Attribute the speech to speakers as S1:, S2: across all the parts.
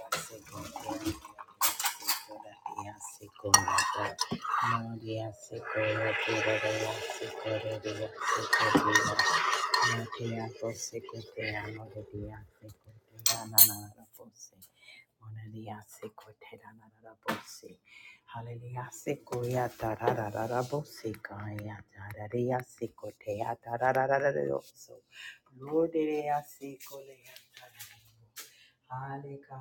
S1: Money, Hallelujah, sequoia, tararara, bosicaya, tararia, sequoia, tararara, so. Lord, sequoia, Mona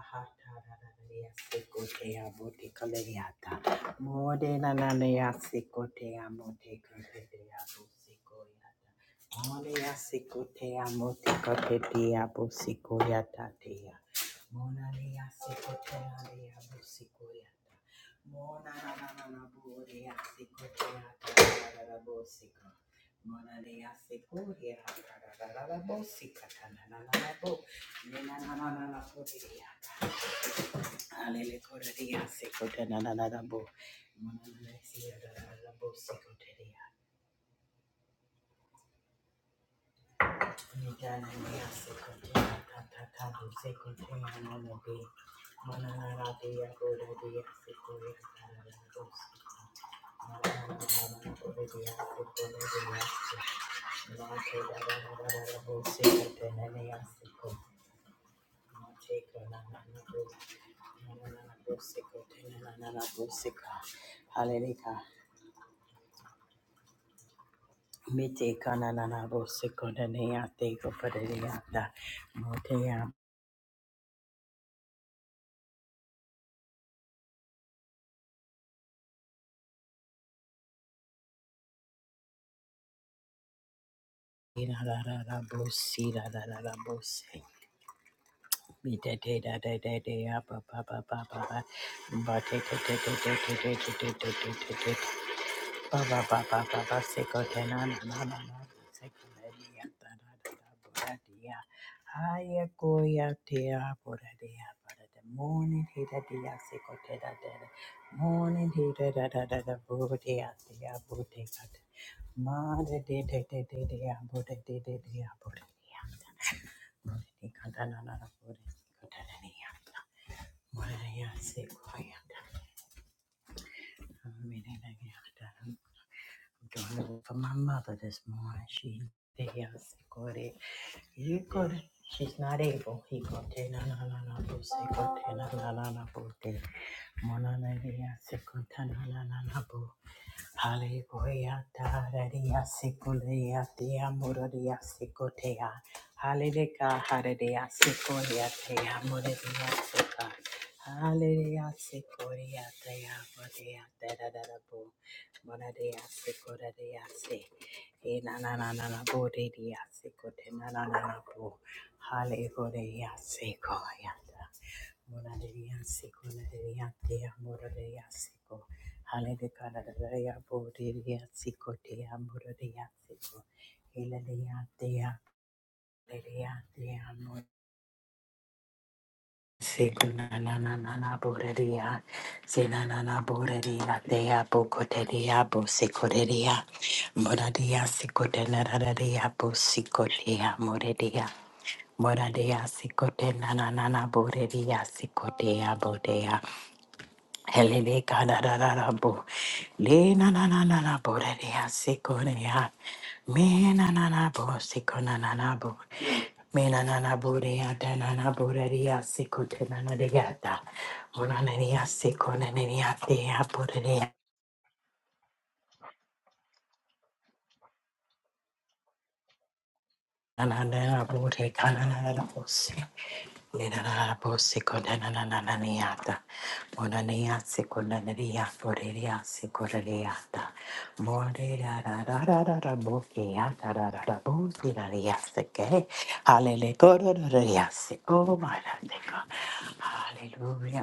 S1: Mona Hallelujah. Hallelujah. Mite kana na na bo se kona ne ya te ko pare ne ya ta. Mo te ya ira ra ra ra bo si ra ra ra ra bo se. Mi te te da da da da ya pa pa pa pa pa pa. Ba te te te te te te te te te te te te te. Baba, baba, baba, seko te na na na na seko le dia ta da da da bora dia haya koya te a bora dia bora the morning he da dia seko te da da da morning he da da da da da bora dia te bora te ma de de de de de de a bora de de de a bora dia bora te ka da na na na bora te ka da na dia bora dia seko ya Mene na ya ta. Amen. doing it for my mother this morning. She's very sick with it. You could. She's not able. He could. Na na na na. Bose could. Na na na na. Bose. Mona na na. Sick. of. Na na na na. Bo. Hallelujah, hallelujah, sikuleya, teya, muradiya, sikoteya. Hallelujah, hallelujah, sikuleya, teya, muradiya, sika. Hallelujah, sikuleya, teya, muradiya, dadadadabu. Muradiya, sikuleya, si. Eh, na, na, na, na, na, bo, de, sikote, na, na, na, na, bo. Hallelujah, sikuleya, ta. Muradiya, tia teya, muradiya, siko. Hallelujah, Bodia, Sico, Dea, Moria, Sico, Hilalia, Dea, Lilia, Dea, Sigunanana, Bodia, Sinanana, Bodia, Dea, Bocoteria, Bosicoria, Moradia, Sicotenararia, Bosicoria, Moredia. Moradea sicote nanana boredia sicotea bodea Helele kada da da da bo. Le na na na na na bo da de ya se ko Me na na na bo se ko na na na bo. Me na na na bo de ya da na na bo da na na de ya na na de na na de ya bo de de ya. Na na na na bo na na bo Hallelujah,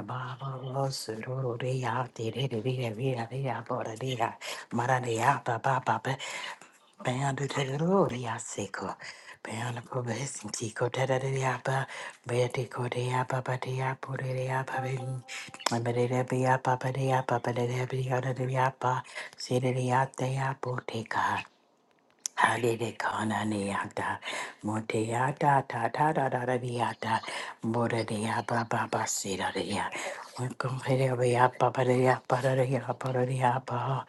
S1: Baba, Sururia, Diriria, Vira, Vira, Boradia, Marania, Baba, Beyond the glory, I seek her. Beyond the progress, and seek her. Da da da da ba. Beyond the da da. Halele kana ne yata, mote yata ta ta da da da di yata, mora de ya ba ba ba si da de ya, wakum hele ba ya ba ba de ya ba da de ya ba da de ya ba,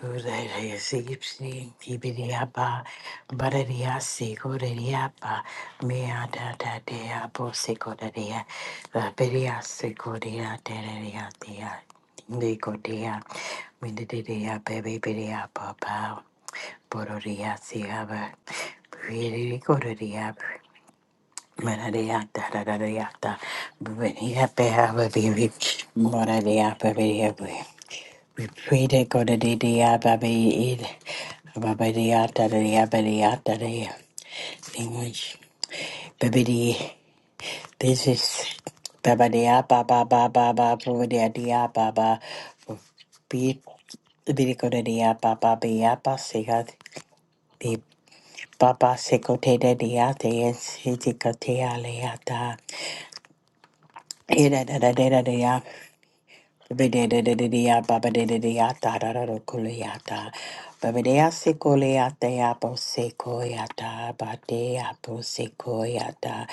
S1: do da de si si ki bi de ya ba, ba da de ya si ko de de ya ba, me ya da da de ya bo si ko da de ya, ba bi de ya si ko de ya de de de ya de ya. Nicodia, Mindidia, baby, bidia, papa, Borodia, Siaba, Pretty Godia, Manadia, da da da da da, Benia, Behava, Bibi, Moradia, Baby, we pray to go to Baby, eat, Babadia, da da da da da da, English, Baby. This is Baba Dia Baba Baba Baba Dia Dia Baba Beat Biricoda Dia Baba Biapa Siga the Baba Secote Dia Te si ti ka te ya le ya ta e da da. da da da Ba-ba-da-da-da-da-da-ya, ba-ba-da-da-da-ya-ta, da-da-da-ko-la-ya-ta. Ba-ba-da-ya-se-ko-la-ya-ta, ya-bo-se-ko-ya-ta, ba-de-ya-bo-se-ko-ya-ta.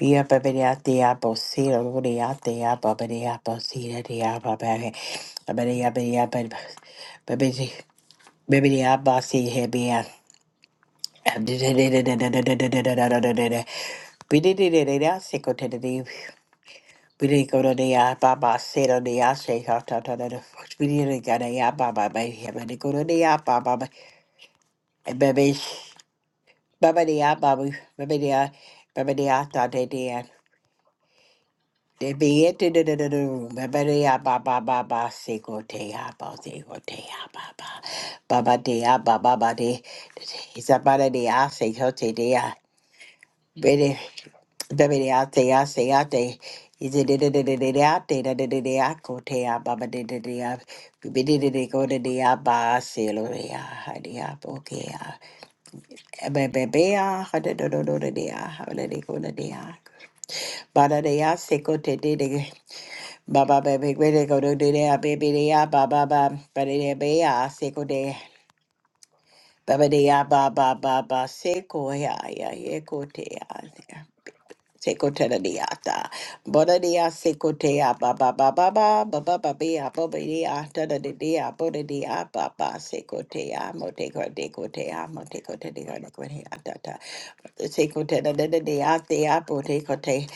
S1: Bia, ba-ba-da-ya-ta, ya-bo-se, da-da-da-ya-ta, ya, ba-ba-da-ya-bo-se, da-da-ya, ba-ba-da- ba-ba-da-ya, ba-da-ya, ba- ba-ba-da- ko la ya ta ba ba we didn't go to the ya baba say to the ya shake out out out of fox. We didn't ya baba baby. I better go to ya baba and baby. sh- Baba the ya baba. Baby the ya. Baby the ya thought they did. They be it to the the the the room. Baby the ya baba baba say go to ya baba say go ya baba. Baba the ya baba baba the. It's about the ya say go to ya. Baba Baba Baba Seko ya ya ye ko te ya. Sekotediata. Bodadia sekotea ba ba ba ba ba ba ba ba bia ba ba dia ta, baba baba baba bobadia tadadia ba ba sekotea moteko dekotea moteko tediga nekotea tata. Sekoteda dedia thea botekote.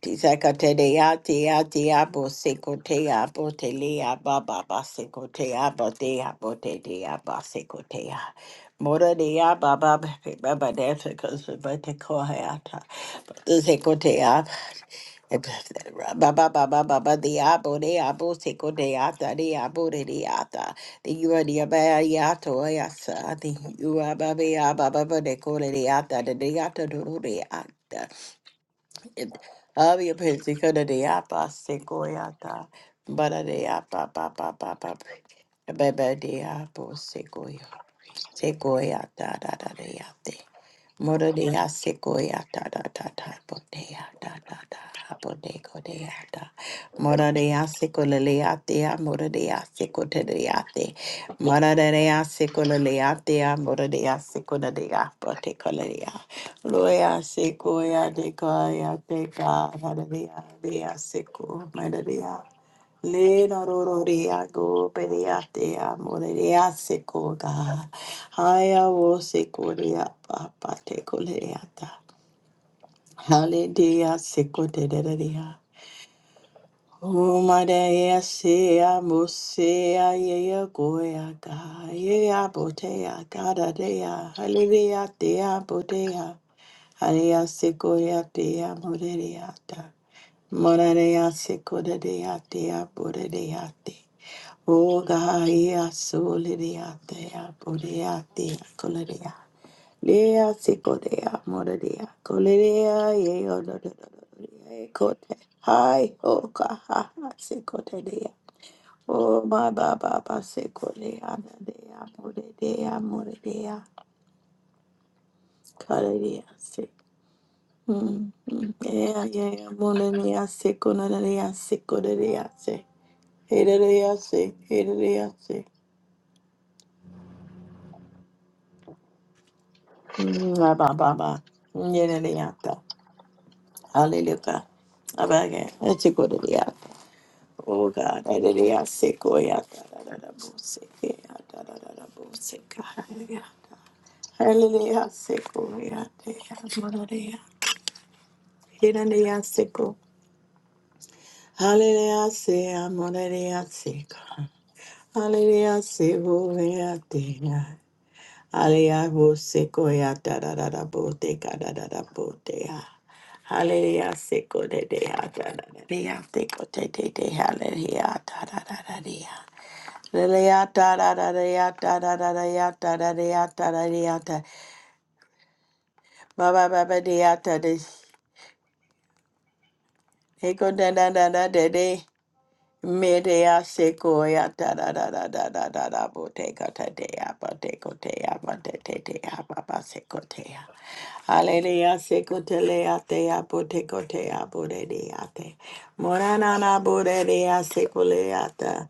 S1: Tizakatedea thea thea bo sekotea botelea baba ba ba ba sekotea botea botedia ba sekotea. Morariya Baba Baba Devakas Vata Kohayata Sekotea Baba Baba Baba Diabo Deabo Sekodeata Diabo Diata the Uradia Bayato Yasa the Urababia Baba Decoleata the Diata Duriata Avia Pensicoda Diapa Sekoyata Bada Diapa Papa Papa Baba Diabo Sekoya Sequoia da da da da ya de. Morodea sequoia da da da da bodea da da da bodego dea da. Morodea secolaleatea, morodea secotereate. Morodea secolaleatea, morodea secoladea, botecolarea. Loya sequoia de coia de ca, morodea dea seco, morodea. Le no rorea go, pereatea, morodea secoga. Haya wo sekuria papa tekuleata. Haledia sekuderia. Umadea sea musea yea goyaga. Yea botea gada dea. Halelia dea botea. Halelia sekuria dea moderiata. Morarea sekuderia dea bodereate. Oga yea solidia dea bodeate. Coleria. Lea sikodea morodea kolerea yeo no no no no kote hi oka ha ha sikodea o ma ba ba ba sikodea dea morodea morodea kolerea si Hmm. Yeah, yeah, mononia seko nonia seko nonia se. Hererea se, hererea se. Ma ba ba ba. Yererea ta. Hallelujah. Abaga, let's go Oh God, da da da ya, da da da boseke, da da da boseka, hallelujah, sequoia, hallelujah, seko, ya, te, amoreya, hiraneya, seko. hallelujah, sequo, hallelujah, se amorelia seca, da, sequoia, hallelujah, bosequoia, da da da boteka, da da da botea. Hallelujah, seko de de da da da da, de, ya, seko de de de, hallelujah, da da da da de, ya. Leleyata da da da yata da da da yata da da yata da da yata. Ba ba ba ba da yata da. Eko da da da da da da. Me de ya seko yata da da da da da da da. Bo te ko te te ya bo te ko te ya bo te te te ya ba ba seko te ya. Hallelujah, seko te le ya te ya bo te ko te ya bo de de ya te. Morana na na bo de de ya seko le ya ta.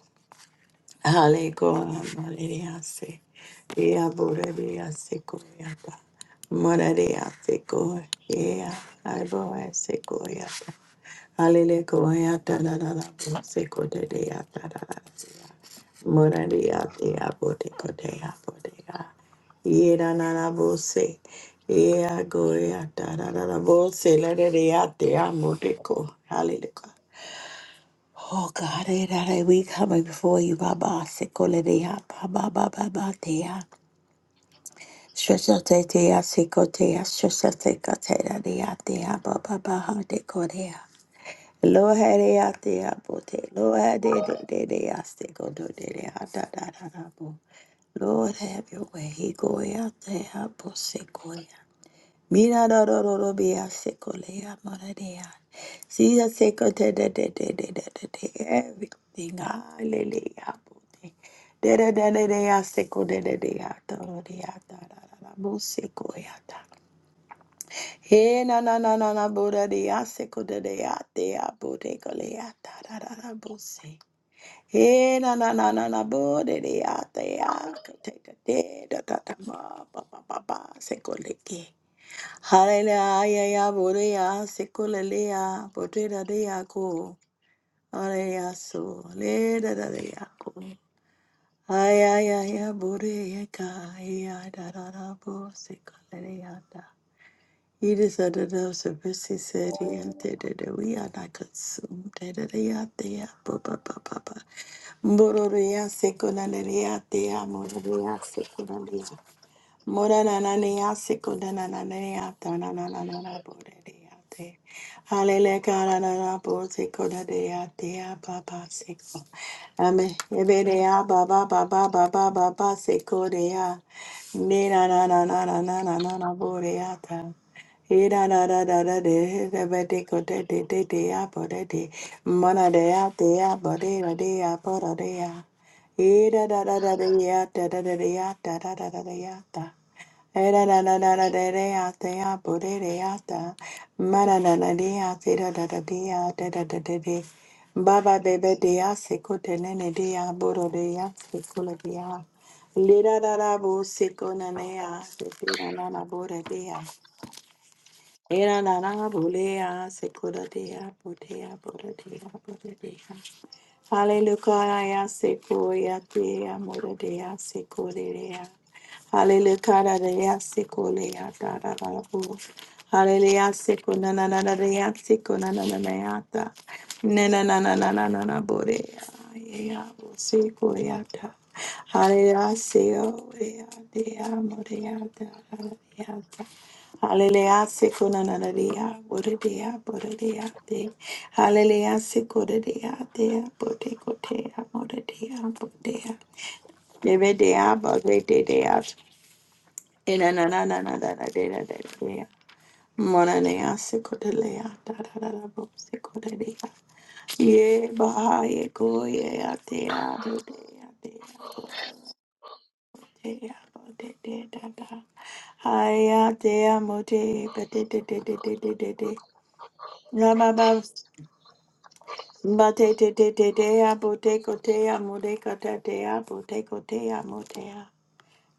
S1: Aleko Mariase, Ea Borebia Sequoyata, Moraria Seco, Ea Iboa Sequoyata, Alilecoyata, Nana Seco de Deata, Moraria Dea Boteco Dea Bodea, Yeda Nana Bose, Ea Goyata, Nana Bose, Ladaria Dea Moteco, Oh God, eh, that eh, we coming before you, Baba. Sikoletea, Baba, Baba, Baba, Tea. Stretchate, Tea, Sikotea, Stretchate, Katea, Dea, Tea, Baba, Baha, Decorea. Lohadea, Tea, Bote, Lohade, Dea, Dea, Siko, Do, Dea, Da, Da, Da, Da, Bo. Lord, have your way. He go out there, Bosikoya. Mira do do do do bia secolea moradea. See a secote de de de de de de de everything. Hallelujah. De de de de de seco de de de a toro de a ta da da da bu seco ta. He na na na na na buda de seco de de a te a bu de colea ta da da da bu se. He na na na na na bu de de a te a de te da da da ma ba ba ba ba seco Hallelujah, ya boreya, sekulaleya, potera deya ko, aleya so, le da da deya ko. Aya ya ya boreya ka, ya da da da bo, sekulaleya da. He is under the service, he said, and da da da, we are not consumed, da da da ya, da ya, ba ba ba ba ba. Bororeya, sekulaleya, da ya, mororeya, sekulaleya. Moranananea sikodanananea tananananana boredeate. Alelekararara bosikodadeatea baba siko. Ame- ebedea baba baba baba baba sikodea. Nenanananananana boreata. Iranadadadade, ebedikodededeaborede. Manadea dea boredea boredea. E da da da da da ya da da da da ya da da da da da ya da. e da da da da da da da ya da ya bo de de ya da. Ma da da da de ya se da da da de ya da da da de de. Ba ba be be de ya se ko te ne ne de ya bo ro de ya se ko le de ya. Le da da da bo se ko na ne ya se de da na na bo de de ya. e da na na bo le ya se ko da de ya bo de ya bo de de ya bo de de ya. Hallelujah, sequoia, dea, moradea, sequoia. Hallelujah, dea, sequoia, da da da da. Hallelujah, sequoia, na na na dea, sequoia, na na na na na na na na na na na na borea, yeah, sequoia, da. Hallelujah, sequoia, dea, moradea, da da da da. Hallelujah, sikunananaria, buridea, buridea, de. Hallelujah, sikuridea, dea, budicotea, buridea, budea. Debedea, buridea, inanananananadea, dea. Monanea, sikudelea, dadadadabo, sikudelea. Ye, baha, ye, go, ye, atea, budea, dea, budea, budea, dada. Haya, dea, mode, bedededededede. Rababa bate te te te te aboteko te amodeka te te aboteko te a bote kote a motea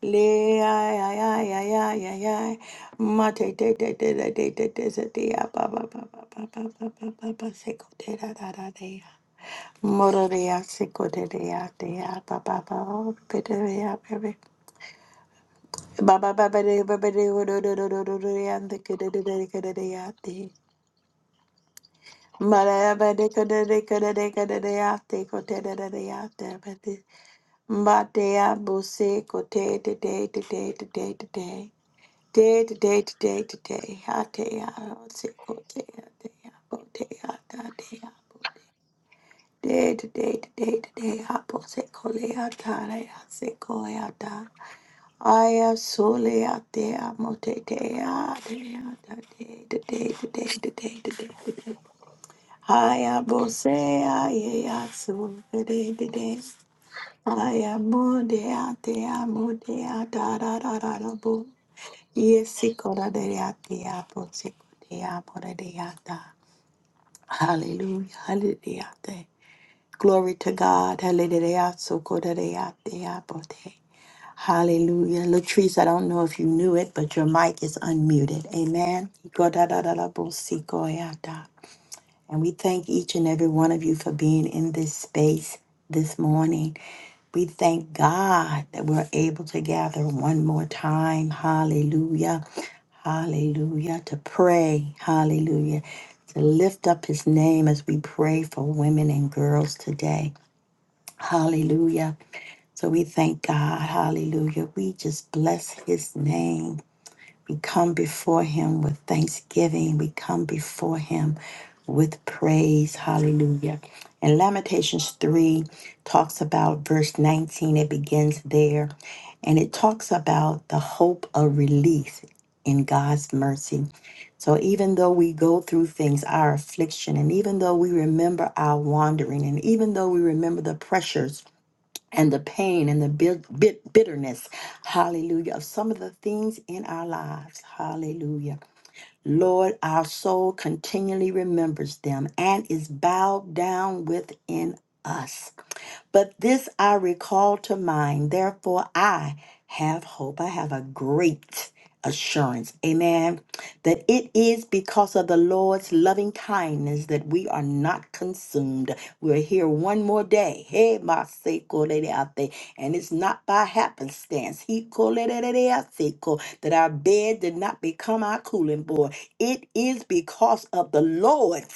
S1: Le ay ay ay ay ay ay ay. Mate te te te te te te te te te a ba ba ba ba ba ba ba ba ba ba seko te ra ra ra te ya. Mororea seko te te ya te ya ba ba ba ba ba te te ya baby. Ba ba ba ba de ba ba de wo do do do do do do ya te ke te te te te te ya te. Day to day, Hayabosea yeyasu dedede. Hayamodea dea modea da da da da da bo. Yesikora dea dea bosekodea bodea da. Hallelujah, hallelujah. Glory to God. Hallelujah. sokodea dea bote. Hallelujah. Latrice, I don't know if you knew it, but your mic is unmuted. Amen. Go da da da da bo sikoya da. And we thank each and every one of you for being in this space this morning. We thank God that we're able to gather one more time. Hallelujah. Hallelujah. To pray. Hallelujah. To lift up his name as we pray for women and girls today. Hallelujah. So we thank God. Hallelujah. We just bless his name. We come before him with thanksgiving. We come before him with praise. Hallelujah. And Lamentations 3 talks about verse 19. It begins there. And it talks about the hope of release in God's mercy. So even though we go through things, our affliction, and even though we remember our wandering, and even though we remember the pressures and the pain and the bit, bit bitterness, hallelujah, of some of the things in our lives, hallelujah. Lord, our soul continually remembers them and is bowed down within us. But this I recall to mind, therefore I have hope. I have a great assurance, amen, that it is because of the Lord's loving kindness that we are not consumed. We're here one more day. Hey, my seko lady out there. And it's not by happenstance. He called it that our bed did not become our cooling board. It is because of the Lord's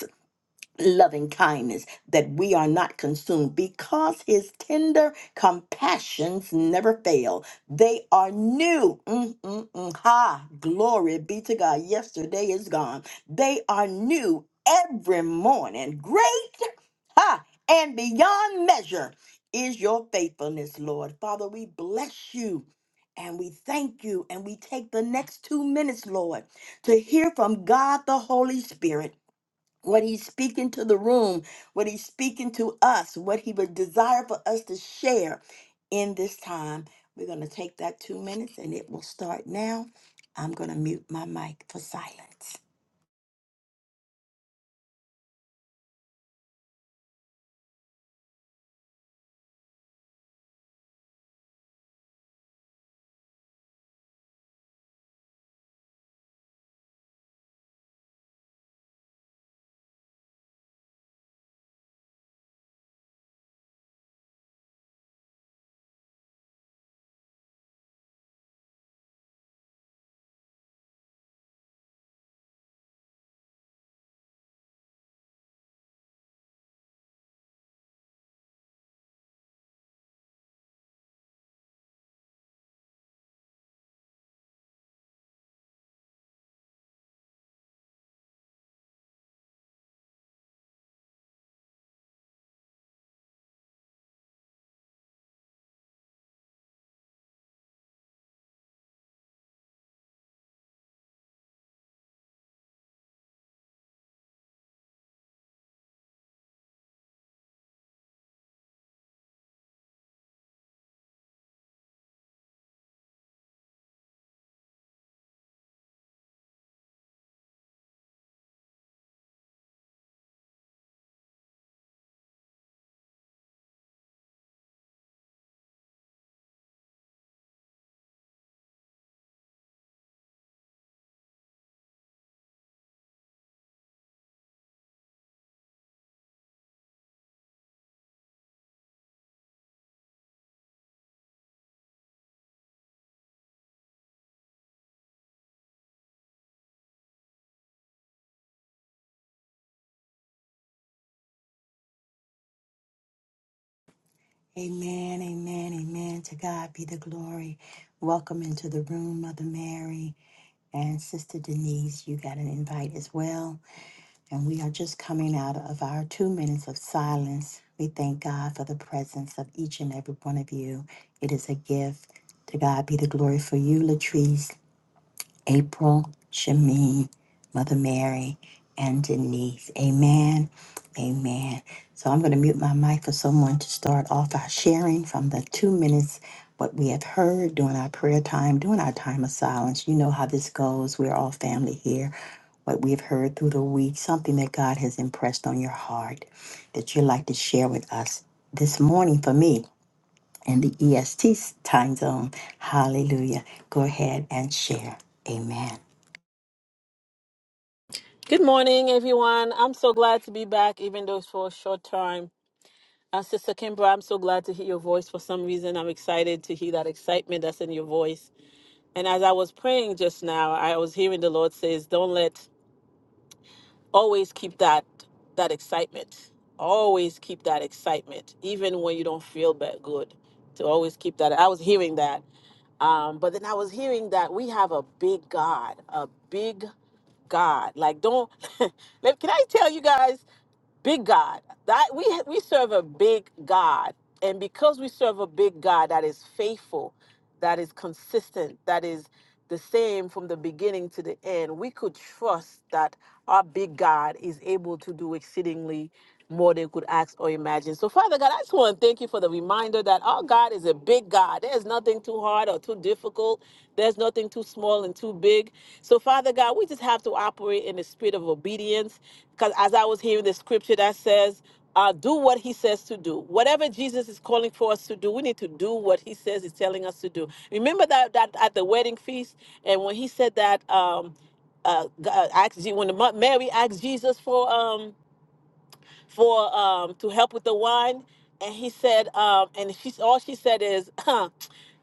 S1: loving kindness, that we are not consumed, because his tender compassions never fail. They are new. Mm, mm, mm. Ha! Glory be to God. Yesterday is gone. They are new every morning. Great! Ha! And beyond measure is your faithfulness, Lord. Father, we bless you. And we thank you, and we take the next two minutes, Lord, to hear from God the Holy Spirit what he's speaking to the room, what he's speaking to us, what he would desire for us to share in this time. We're going to take that two minutes and it will start now. I'm going to mute my mic for silence. Amen, amen, amen. To God be the glory. Welcome into the room, Mother Mary and Sister Denise. You got an invite as well. And we are just coming out of our two minutes of silence. We thank God for the presence of each and every one of you. It is a gift. To God be the glory for you, Latrice. April, Shamin, Mother Mary, and Denise. Amen. Amen. So I'm going to mute my mic for someone to start off our sharing from the two minutes what we have heard during our prayer time, during our time of silence. You know how this goes. We're all family here. What we've heard through the week, something that God has impressed on your heart that you'd like to share with us this morning for me in the EST time zone. Hallelujah. Go ahead and share. Amen.
S2: Good morning, everyone. I'm so glad to be back, even though it's for a short time. And Sister Kimbra, I'm so glad to hear your voice. For some reason, I'm excited to hear that excitement that's in your voice. And as I was praying just now, I was hearing the Lord says, "Don't let always keep that that excitement. Always keep that excitement, even when you don't feel that good. To always keep that." I was hearing that, um, but then I was hearing that we have a big God, a big God. Like, don't. Let- Can I tell you guys? big God. That we we serve a big God, and because we serve a big God that is faithful, that is consistent, that is the same from the beginning to the end, we could trust that our big God is able to do exceedingly more than we could ask or imagine. So, Father God, I just want to thank you for the reminder that our God is a big God. There's nothing too hard or too difficult. There's nothing too small and too big. So, Father God, we just have to operate in the spirit of obedience because as I was hearing the scripture that says, uh, do what he says to do. Whatever Jesus is calling for us to do, we need to do what he says he's telling us to do. Remember that, that at the wedding feast, and when he said that, um, uh, G- uh, asked, Je- when the, mo- Mary asked Jesus for um, for um, to help with the wine, and he said, um, and she all she said is,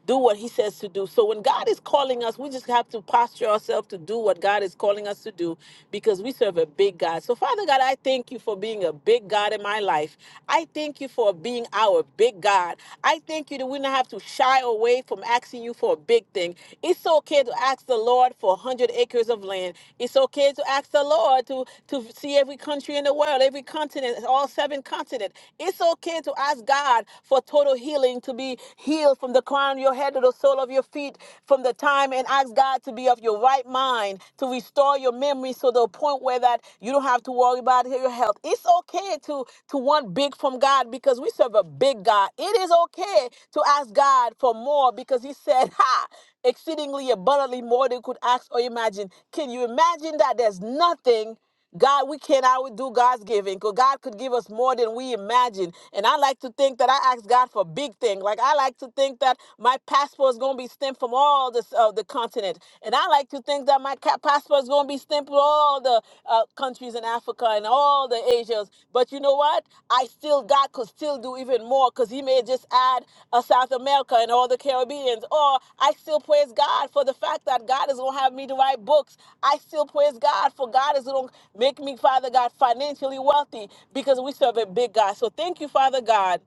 S2: do what he says to do. So when God is calling us, we just have to posture ourselves to do what God is calling us to do because we serve a big God. So Father God, I thank you for being a big God in my life. I thank you for being our big God. I thank you that we don't have to shy away from asking you for a big thing. It's okay okay to ask the Lord for 100 acres of land. It's okay to ask the Lord to, to see every country in the world, every continent, all seven continents. It's okay to ask God for total healing, to be healed from the crown of your head to the sole of your feet from the time, and ask God to be of your right mind, to restore your memory so the point where that you don't have to worry about your health. It's okay to, to want big from God because we serve a big God. It is okay to ask God for more because He said, Ha! exceedingly abundantly more than could ask or imagine. Can you imagine that there's nothing God, we can outdo God's giving because God could give us more than we imagine. And I like to think that I ask God for big things. Like I like to think that my passport is going to be stamped from all this, uh, the continent. And I like to think that my ca- passport is going to be stamped with all the uh, uh, countries in Africa and all the Asias. But you know what? I still, God could still do even more because He may just add uh, South America and all the Caribbeans. Or I still praise God for the fact that God is going to have me to write books. I still praise God for God is going to make me, Father God, financially wealthy because we serve a big God. So thank you, Father God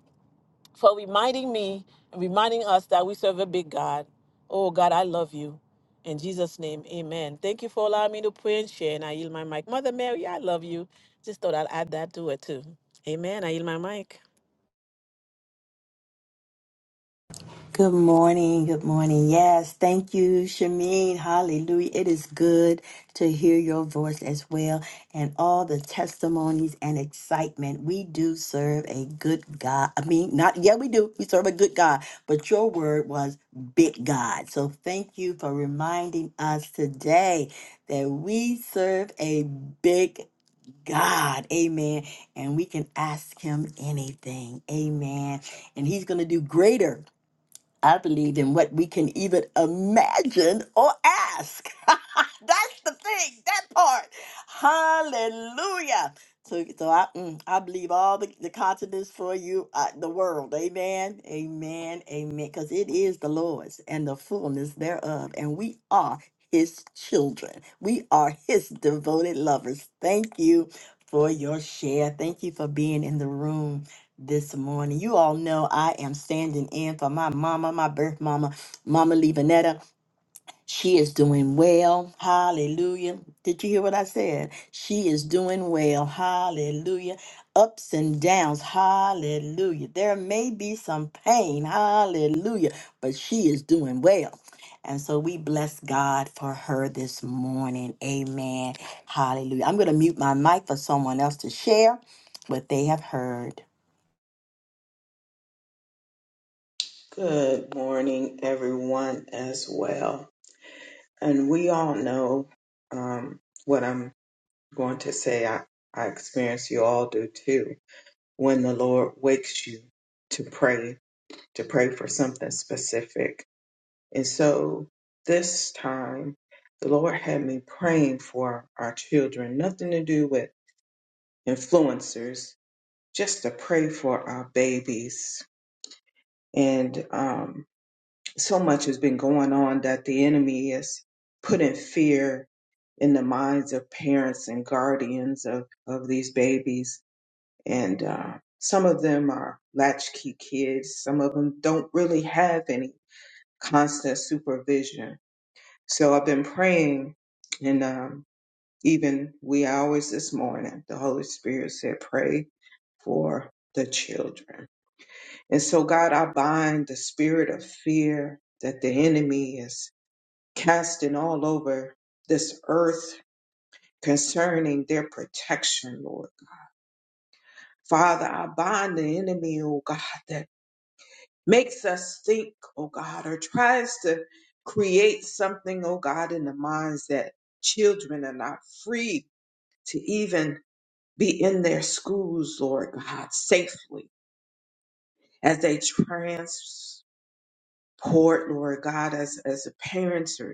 S2: for reminding me and reminding us that we serve a big God. Oh, God, I love you. In Jesus' name, amen. Thank you for allowing me to pray and share. And I yield my mic. Mother Mary, I love you. Just thought I'd add that to it too. Amen. I yield my mic.
S1: Good morning. Good morning. Yes. Thank you, Shameen. Hallelujah. It is good to hear your voice as well and all the testimonies and excitement. We do serve a good God. I mean, not, yeah, we do. We serve a good God, but your word was big God. So thank you for reminding us today that we serve a big God. Amen. And we can ask him anything. Amen. And he's going to do greater I believe in what we can even imagine or ask. That's the thing, that part. Hallelujah. So, so I, mm, I believe all the, the continents for you, uh, the world. Amen. Amen. Amen. Because it is the Lord's and the fullness thereof. And we are his children. We are his devoted lovers. Thank you for your share. Thank you for being in the room this morning. You all know I am standing in for my mama, my birth mama, Mama Levanetta. She is doing well. Hallelujah. Did you hear what I said? She is doing well. Hallelujah. Ups and downs. Hallelujah. There may be some pain. Hallelujah. But she is doing well. And so we bless God for her this morning. Amen. Hallelujah. I'm going to mute my mic for someone else to share what they have heard.
S3: Good morning, everyone, as well. And we all know um, what I'm going to say. I, I experience you all do too. When the Lord wakes you to pray, to pray for something specific. And so this time, the Lord had me praying for our children, nothing to do with influencers, just to pray for our babies. And um, so much has been going on that the enemy is putting fear in the minds of parents and guardians of, of these babies. And uh, some of them are latchkey kids, some of them don't really have any constant supervision. So I've been praying, and um, even we always this morning, the Holy Spirit said, Pray for the children. And so, God, I bind the spirit of fear that the enemy is casting all over this earth concerning their protection, Lord. Father, I bind the enemy, oh God, that makes us think, oh God, or tries to create something, oh God, in the minds that children are not free to even be in their schools, Lord God, safely as they transport, Lord God, as, as the parents are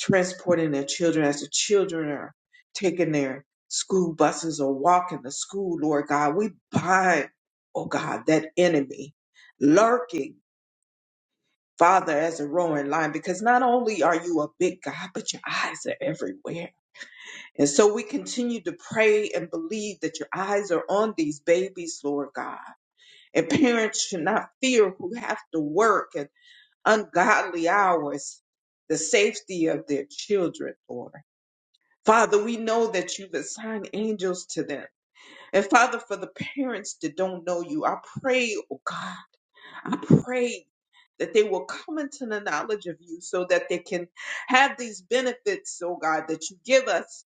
S3: transporting their children as the children are taking their school buses or walking to school, Lord God. We bind, oh God, that enemy lurking, Father, as a roaring lion, because not only are you a big God, but your eyes are everywhere. And so we continue to pray and believe that your eyes are on these babies, Lord God. And parents should not fear who have to work at ungodly hours, the safety of their children, Lord. Father, we know that you've assigned angels to them. And Father, for the parents that don't know you, I pray, oh God, I pray that they will come into the knowledge of you so that they can have these benefits, oh God, that you give us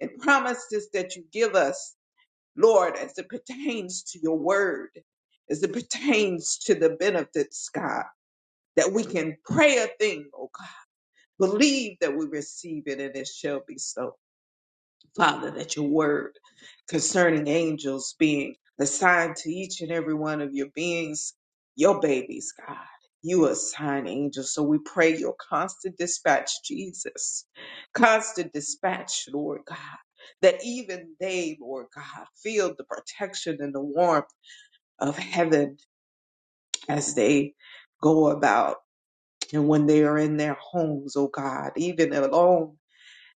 S3: and promises that you give us, Lord, as it pertains to your word, as it pertains to the benefits, God, that we can pray a thing, oh God, believe that we receive it and it shall be so. Father, that your word concerning angels being assigned to each and every one of your beings, your babies, God. You assign angels. So we pray your constant dispatch, Jesus. Constant dispatch, Lord God. That even they, Lord God, feel the protection and the warmth of heaven as they go about and when they are in their homes, oh God, even alone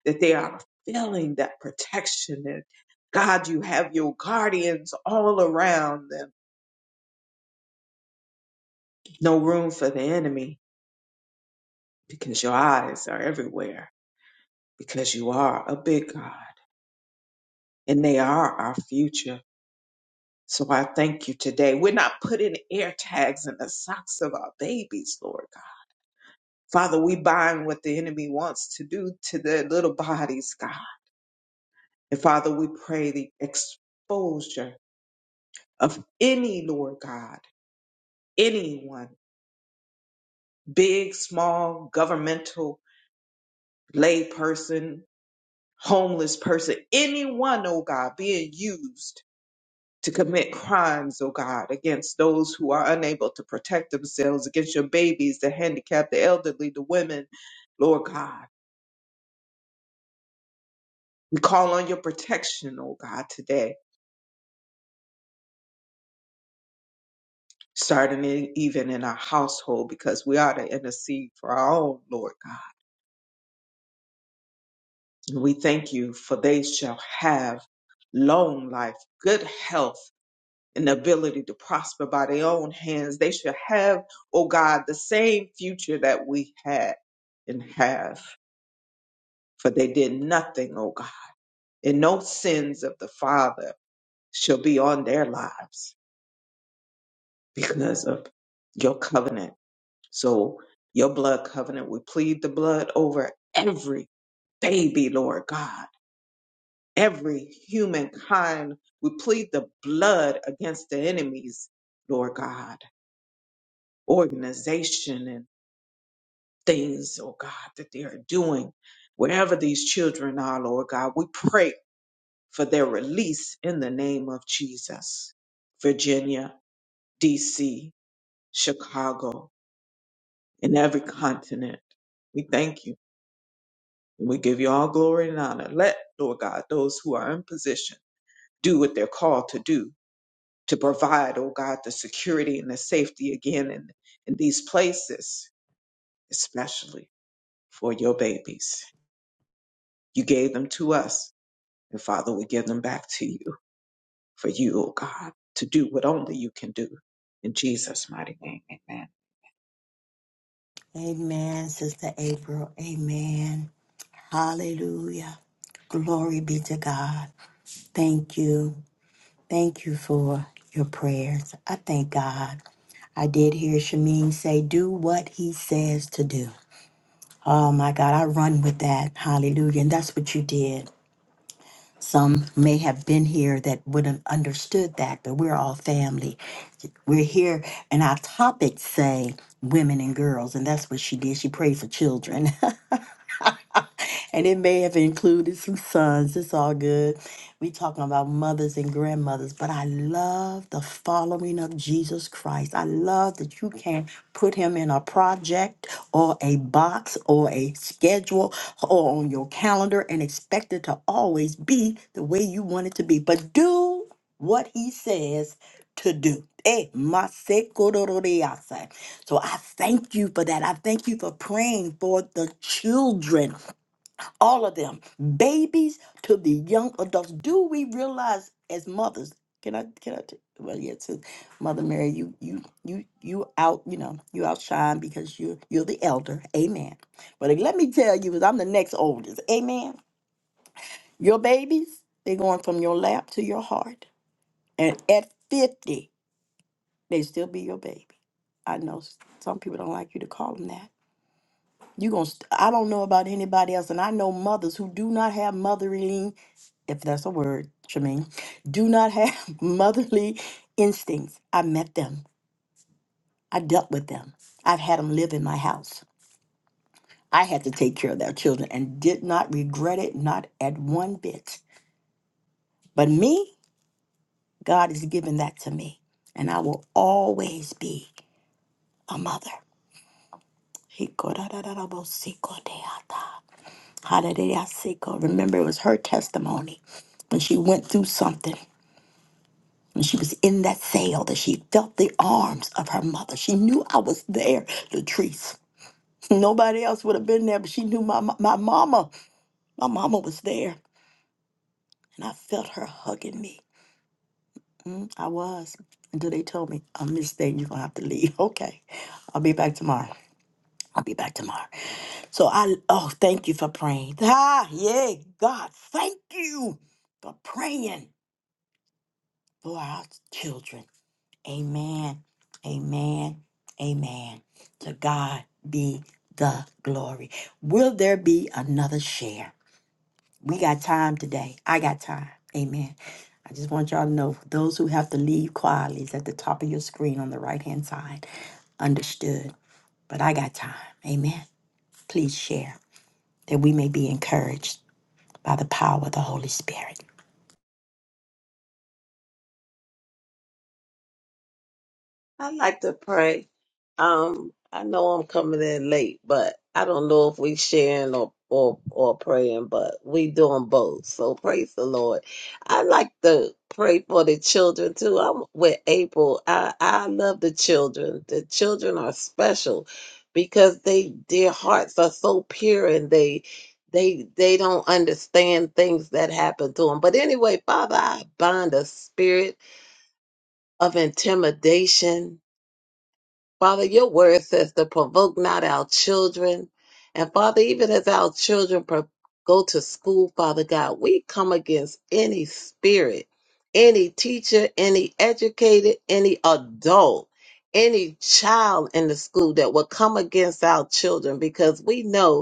S3: that they are feeling that protection and God, you have your guardians all around them. No room for the enemy because your eyes are everywhere because you are a big God and they are our future. So I thank you today. We're not putting air tags in the socks of our babies, Lord God. Father, we bind what the enemy wants to do to their little bodies, God. And Father, we pray the exposure of any, Lord God, anyone big, small, governmental, lay person, homeless person, anyone, oh God, being used to commit crimes, oh God, against those who are unable to protect themselves, against your babies, the handicapped, the elderly, the women, Lord God. We call on your protection, oh God, today, starting in, even in our household, because we are to intercede for our own, Lord God. And we thank you for they shall have long life, good health, and the ability to prosper by their own hands. They should have, oh God, the same future that we had and have, for they did nothing, oh God. And no sins of the Father shall be on their lives because of your covenant. So, your blood covenant, we plead the blood over every baby, Lord God, every humankind. We plead the blood against the enemies, Lord God, organization things, oh God, that they are doing, wherever these children are, Lord God. We pray for their release in the name of Jesus. Virginia, D.C., Chicago, and every continent. We thank you and we give you all glory and honor. Let, Lord God, those who are in position do what they're called to do to provide, oh God, the security and the safety again in, in these places, especially for your babies. You gave them to us And Father, we give them back to you for you, oh God, to do what only you can do. In Jesus' mighty name, amen.
S1: Amen, Sister April. Amen. Hallelujah. Glory be to God. Thank you. Thank you for your prayers. I thank God. I did hear Shamin say, Do what he says to do. Oh my God, I run with that. Hallelujah. And that's what you did. Some may have been here that wouldn't understood that, but we're all family. We're here, and our topics say women and girls, and that's what she did. She prayed for children. and it may have included some sons. It's all good. We talking about mothers and grandmothers, but I love the following of Jesus Christ. I love that you can put him in a project or a box or a schedule or on your calendar and expect it to always be the way you want it to be. But do what he says to do. Eh, masekororiasa. So I thank you for that. I thank you for praying for the children all of them, babies to the young adults. Do we realize as mothers? Can I? Can I? T- well, yeah, to Mother Mary, you, you, you, you out. You know, you outshine because you, you're the elder. Amen. But let me tell you, I'm the next oldest. Amen. Your babies, they're going from your lap to your heart, and at 50, they still be your baby. I know s- some people don't like you to call them that. You gonna? St- I don't know about anybody else, and I know mothers who do not have mothering if that's a word, Tremaine, do not have motherly instincts. I met them. I dealt with them. I've had them live in my house. I had to take care of their children and did not regret it, not at one bit. But me, God has given that to me. And I will always be a mother. Hallelujah. Remember, it was her testimony when she went through something. When she was in that sail, that she felt the arms of her mother. She knew I was there, Latrice. Nobody else would have been there, but she knew my my mama. My mama was there, and I felt her hugging me. Mm, I was until they told me, "I missed that. You're gonna have to leave." Okay, I'll be back tomorrow. I'll be back tomorrow. So I oh, thank you for praying. Ah, yeah, God, thank you for praying for our children. Amen. Amen. Amen. To God be the glory. Will there be another share? We got time today. I got time. Amen. I just want y'all to know those who have to leave quietly is at the top of your screen on the right hand side. Understood. But I got time. Amen. Please share that we may be encouraged by the power of the Holy Spirit.
S4: I'd like to pray. Um, I know I'm coming in late, but I don't know if we sharing or or or praying, but we doing both. So praise the Lord. I like to pray for the children too. I'm with April. I I love the children. The children are special because they their hearts are so pure and they they they don't understand things that happen to them. But anyway, Father, I bind a spirit of intimidation Father, your word says to provoke not our children. And Father, even as our children pro- go to school, Father God, we come against any spirit, any teacher, any educated, any adult, any child in the school that will come against our children because we know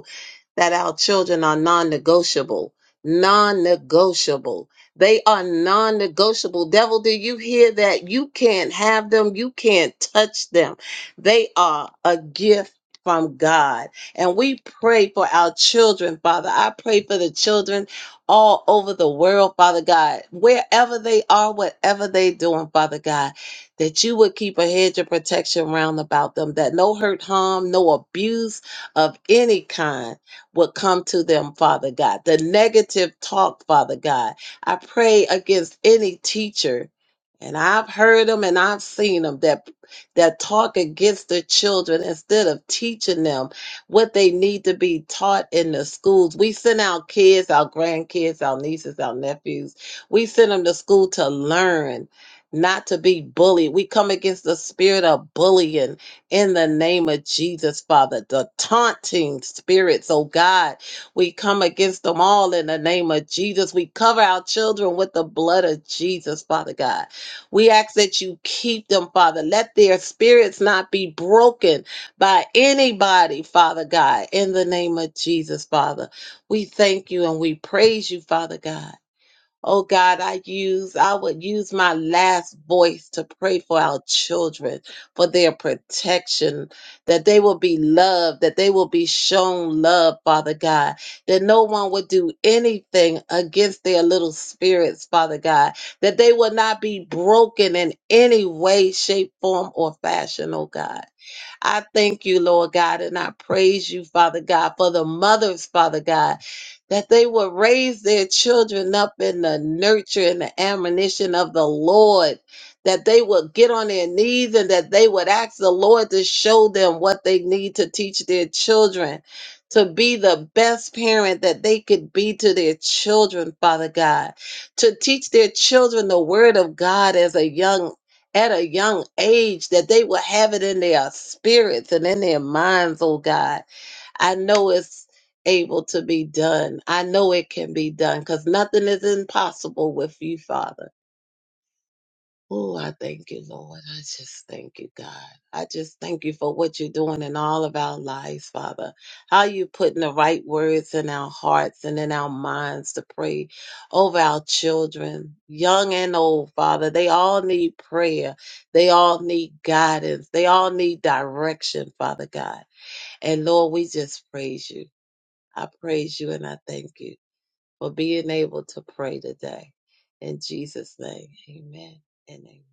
S4: that our children are non negotiable. Non negotiable. They are non negotiable. Devil, do you hear that? You can't have them. You can't touch them. They are a gift from God. And we pray for our children, Father. I pray for the children all over the world, Father God, wherever they are, whatever they're doing, Father God that you would keep a hedge of protection round about them, that no hurt, harm, no abuse of any kind would come to them, Father God. The negative talk, Father God. I pray against any teacher, and I've heard them and I've seen them that that talk against the children instead of teaching them what they need to be taught in the schools. We send our kids, our grandkids, our nieces, our nephews. We send them to school to learn, not to be bullied. We come against the spirit of bullying in the name of Jesus, Father. The taunting spirits, oh God, we come against them all in the name of Jesus. We cover our children with the blood of Jesus, Father God. We ask that you keep them, Father. Let their spirits not be broken by anybody, Father God, in the name of Jesus, Father. We thank you and we praise you, Father God. Oh God, I use, I would use my last voice to pray for our children, for their protection, that they will be loved, that they will be shown love, Father God, that no one would do anything against their little spirits, Father God, that they will not be broken in any way, shape, form, or fashion, oh God. I thank you, Lord God, and I praise you, Father God, for the mothers, Father God, that they will raise their children up in the nurture and the admonition of the Lord. That they would get on their knees and that they would ask the Lord to show them what they need to teach their children to be the best parent that they could be to their children, Father God, to teach their children the word of God as a young at a young age that they will have it in their spirits and in their minds, oh God. I know it's able to be done. I know it can be done because nothing is impossible with you, Father. Oh, I thank you, Lord. I just thank you, God. I just thank you for what you're doing in all of our lives, Father. How you putting the right words in our hearts and in our minds to pray over our children, young and old, Father. They all need prayer. They all need guidance. They all need direction, Father God. And Lord, we just praise you. I praise you and I thank you for being able to pray today. In Jesus' name, amen and amen.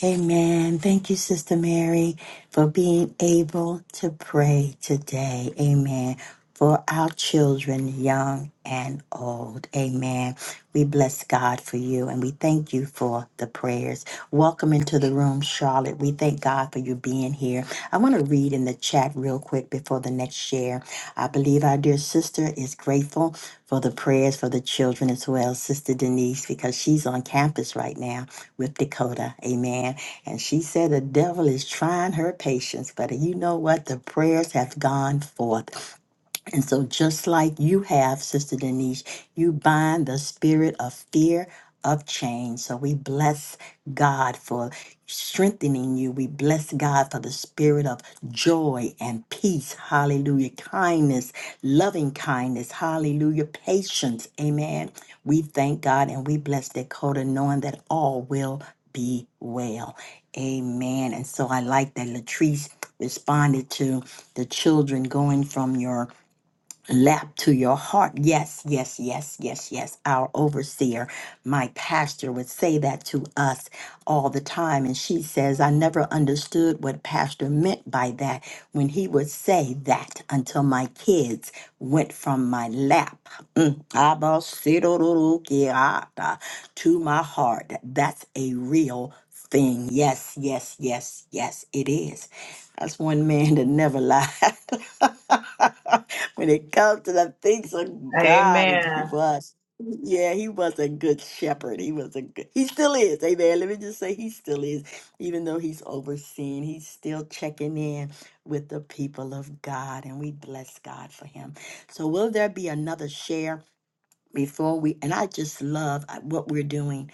S1: Amen. Thank you, Sister Mary, for being able to pray today. Amen. For our children, young and old. Amen. We bless God for you and we thank you for the prayers. Welcome into the room, Charlotte. We thank God for you being here. I want to read in the chat real quick before the next share. I believe our dear sister is grateful for the prayers for the children as well, Sister Denise, because she's on campus right now with Dakota. Amen. And she said the devil is trying her patience, but you know what? The prayers have gone forth. And so, just like you have, Sister Denise, you bind the spirit of fear of change. So, we bless God for strengthening you. We bless God for the spirit of joy and peace. Hallelujah. Kindness, loving kindness. Hallelujah. Patience. Amen. We thank God and we bless Dakota knowing that all will be well. Amen. And so, I like that Latrice responded to the children going from your lap to your heart. Yes, yes, yes, yes, yes. Our overseer, my pastor, would say that to us all the time. And she says, I never understood what pastor meant by that when he would say that until my kids went from my lap mm, Abba-sidororo-kiata, to my heart. That's a real thing. Yes, yes, yes, yes, it is. That's one man that never lied. when it comes to the things of God, and he
S3: Amen.
S1: was. Yeah, he was a good shepherd. He was a good, he still is. Amen. Let me just say, he still is. Even though he's overseen, he's still checking in with the people of God, and we bless God for him. So, will there be another share before we? And I just love uh, what we're doing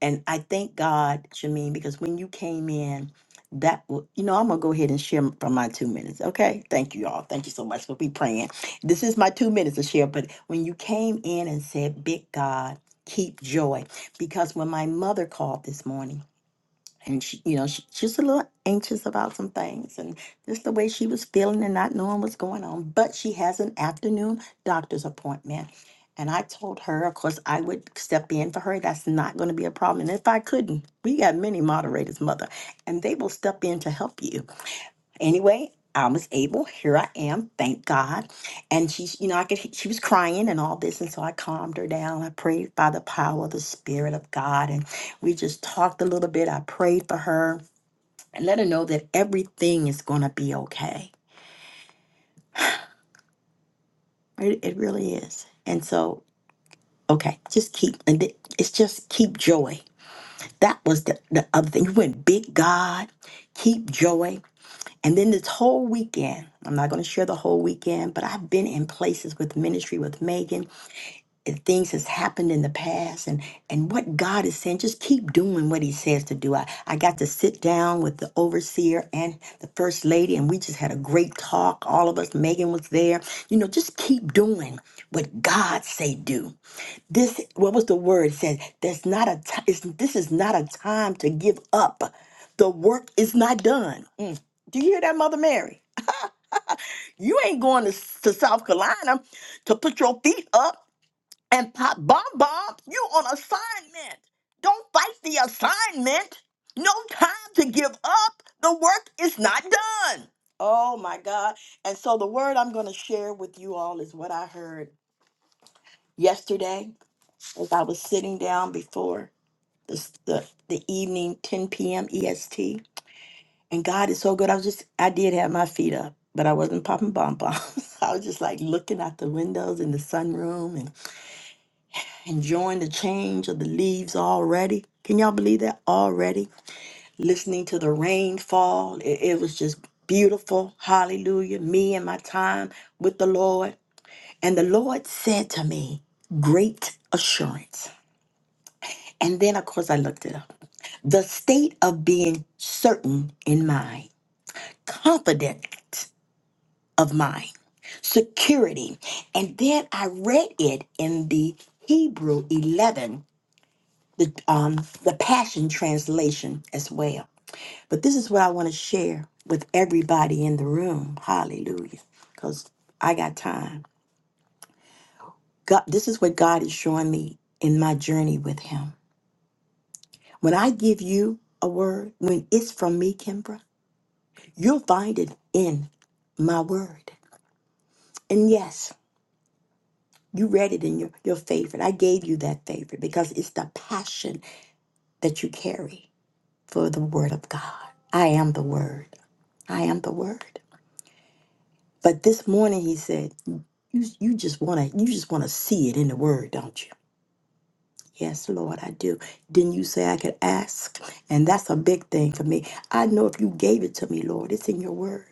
S1: and I thank God, Shameen, because when you came in, that w- you know, I'm gonna go ahead and share from my two minutes. Okay, thank you all. Thank you so much for be praying. This is my two minutes to share. But when you came in and said, "Big God, keep joy," because when my mother called this morning and she, you know, she, she was a little anxious about some things and just the way she was feeling and not knowing what's going on. But she has an afternoon doctor's appointment. And I told her, of course, I would step in for her. That's not going to be a problem. And if I couldn't, we got many moderators, mother, and they will step in to help you Anyway, I was able. Here I am. Thank God. And she's, you know, I could. She was crying and all this, and so I calmed her down. I prayed by the power of the Spirit of God, and we just talked a little bit. I prayed for her and let her know that everything is gonna be okay. It, it really is. And so, okay, just keep. And it- it's just keep joy. That was the, the other thing. You went big God, keep joy. And then this whole weekend, I'm not going to share the whole weekend, but I've been in places with ministry with Megan and things has happened in the past and and what God is saying, just keep doing what he says to do. I, I got to sit down with the overseer and the first lady and we just had a great talk. All of us, Megan was there. You know, just keep doing what God say do. This, what was the word said? There's not a time, this is not a time to give up. The work is not done. Mm. Do you hear that, Mother Mary? You ain't going to, to South Carolina to put your feet up and pop bomb bombs. You on assignment. Don't fight the assignment. No time to give up. The work is not done. Oh my God. And so the word I'm going to share with you all is what I heard yesterday as I was sitting down before. the, the, the evening, 10 p.m. EST. And God is so good. I was just, I did have my feet up, but I wasn't popping bonbons. I was just like looking out the windows in the sunroom and enjoying the change of the leaves already. Can y'all believe that? Already. Listening to the rainfall, It, it was just beautiful. Hallelujah. Me and my time with the Lord. And the Lord said to me, Great assurance. And then, of course, I looked it up. the state of being certain in mind, confident of mind, security. And then I read it in the Hebrew 11, the, um, the Passion Translation as well. But this is what I want to share with everybody in the room. Hallelujah. Because I got time. God, this is what God is showing me in my journey with Him. When I give you a word, when it's from me, Kimbra, You'll find it in my word. And yes, you read it in your, your favorite. I gave you that favorite because it's the passion that you carry for the word of God. I am the word. I am the word. But this morning he said, you, you just wanna you just wanna see it in the word, don't you? Yes, Lord, I do. Didn't you say I could ask? And that's a big thing for me. I know if you gave it to me, Lord, it's in your word.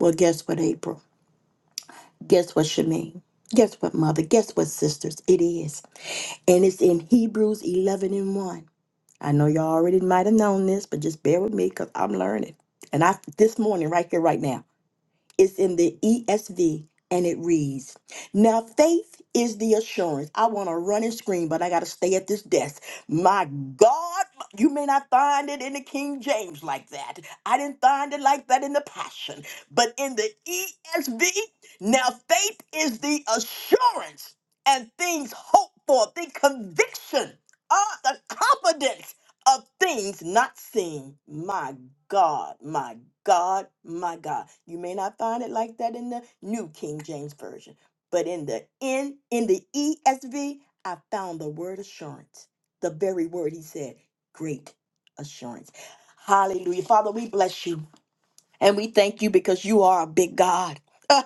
S1: Well, guess what, April? Guess what, Shemaine? Guess what, mother? Guess what, sisters? It is. And it's in Hebrews 11 and 1. I know y'all already might have known this, but just bear with me because I'm learning. And I this morning, right here, right now. It's in the ESV and it reads Now, faith is the assurance. I want to run and scream, but I got to stay at this desk. My God, you may not find it in the King James like that. I didn't find it like that in the Passion. But in the ESV, now faith is the assurance and things hoped for, the conviction, ah, the confidence of things not seen. My God, my God, my God. You may not find it like that in the New King James Version, but in the in in the ESV, I found the word assurance. The very word he said, great assurance. Hallelujah. Father, we bless you and we thank you because you are a big God.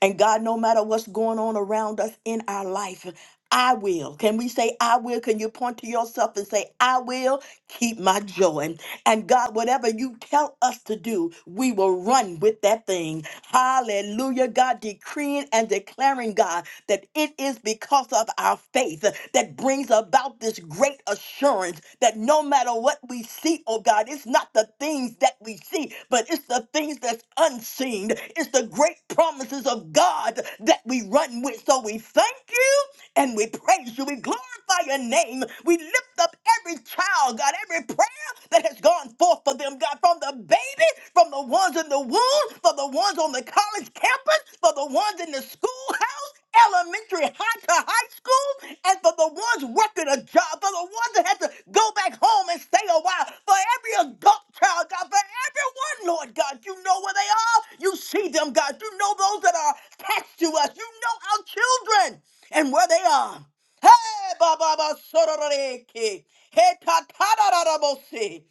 S1: And God, no matter what's going on around us in our life, I will. Can we say, I will? Can you point to yourself and say, I will keep my joy? And God, whatever you tell us to do, we will run with that thing. Hallelujah. God, decreeing and declaring, God that it is because of our faith that brings about this great assurance that no matter what we see, oh God, it's not the things that we see, but it's the things that's unseen. It's the great promises of God that we run with. So we thank you and we praise you. We glorify your name. We lift up every child, God, every prayer that has gone forth for them, God, from the baby, from the ones in the womb, for the ones on the college campus, for the ones in the schoolhouse elementary, high to high school, and for the ones working a job, for the ones that had to go back home and stay a while, for every adult child, God, for everyone, Lord God, you know where they are. You see them, God. You know those that are attached to us. You know our children and where they are. Hey, Baba Ba, Sororeke. Hey, Ta, Ta, Da, Da, Da, Bo, Si.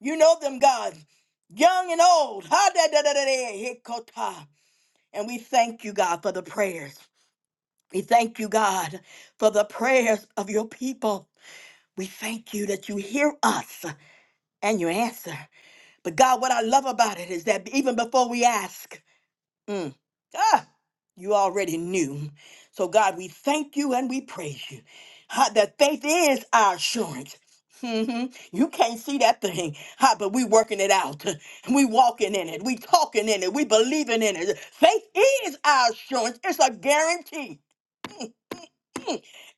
S1: You know them, God, young and old. Ha, Da, Da, Da, Da, Da, Hikota. And we thank you, God, for the prayers. We thank you, God, for the prayers of your people. We thank you that you hear us and you answer. But God, what I love about it is that even before we ask, mm, ah, you already knew. So, God, we thank you and we praise you. Ha, That faith is our assurance. hmm You can't see that thing, ha, but we working it out. We walking in it. We talking in it. We believing in it. Faith is our assurance. It's a guarantee.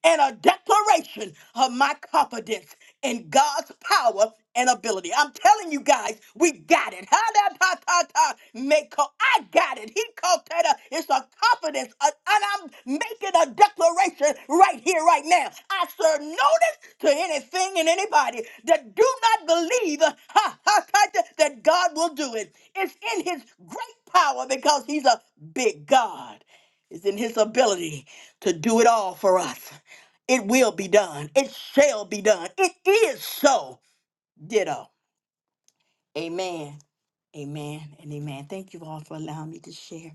S1: and a declaration of my confidence in God's power and ability. I'm telling you guys, we got it. Ha da ta ta ta. Make co- I got it. He called that a, it's a confidence, a- and I'm making a declaration right here, right now. I serve notice to anything and anybody that do not believe ha, ha, ha, that that God will do it. It's in His great power because He's a big God. It's in His ability to do it all for us. It will be done. It shall be done. It is so. Ditto. Amen. Amen and amen. Thank you all for allowing me to share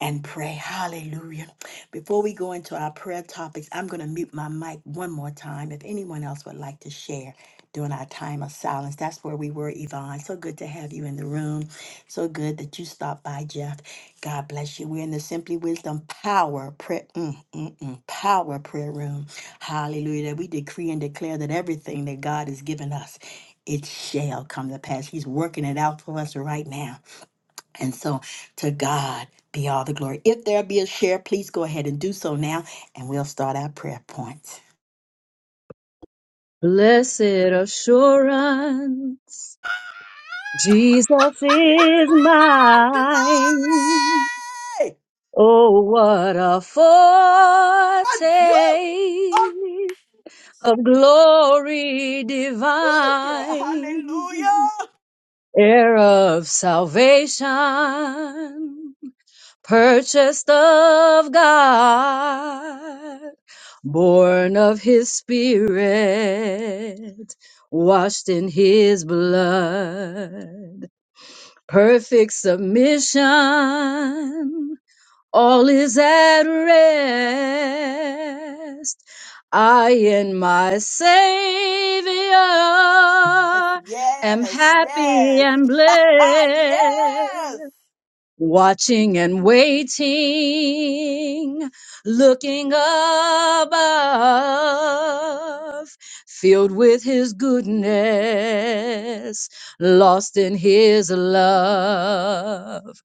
S1: and pray. Hallelujah. Before we go into our prayer topics, I'm going to mute my mic one more time. If anyone else would like to share during our time of silence, that's where we were, Yvonne. So good to have you in the room. So good that you stopped by, Jeff. God bless you. We're in the Simply Wisdom Power Prayer, mm, mm, mm, Power Prayer Room. Hallelujah. That we decree and declare that everything that God has given us, it shall come to pass. He's working it out for us right now. And so to God be all the glory. If there be a share, please go ahead and do so now, and we'll start our prayer points.
S5: Blessed assurance, Jesus is
S1: Glory!
S5: mine. Oh, what a foretaste
S1: A Jew! A
S5: of glory
S1: Jew girl!
S5: divine,
S1: Hallelujah!
S5: heir of salvation. purchased of God, born of his spirit, washed in his blood, perfect submission, all is at rest. I and my Savior
S1: Yes,
S5: am
S1: yes,
S5: happy
S1: yes.
S5: and
S1: yes!
S5: blessed watching and waiting, looking above, filled with his goodness, lost in his love.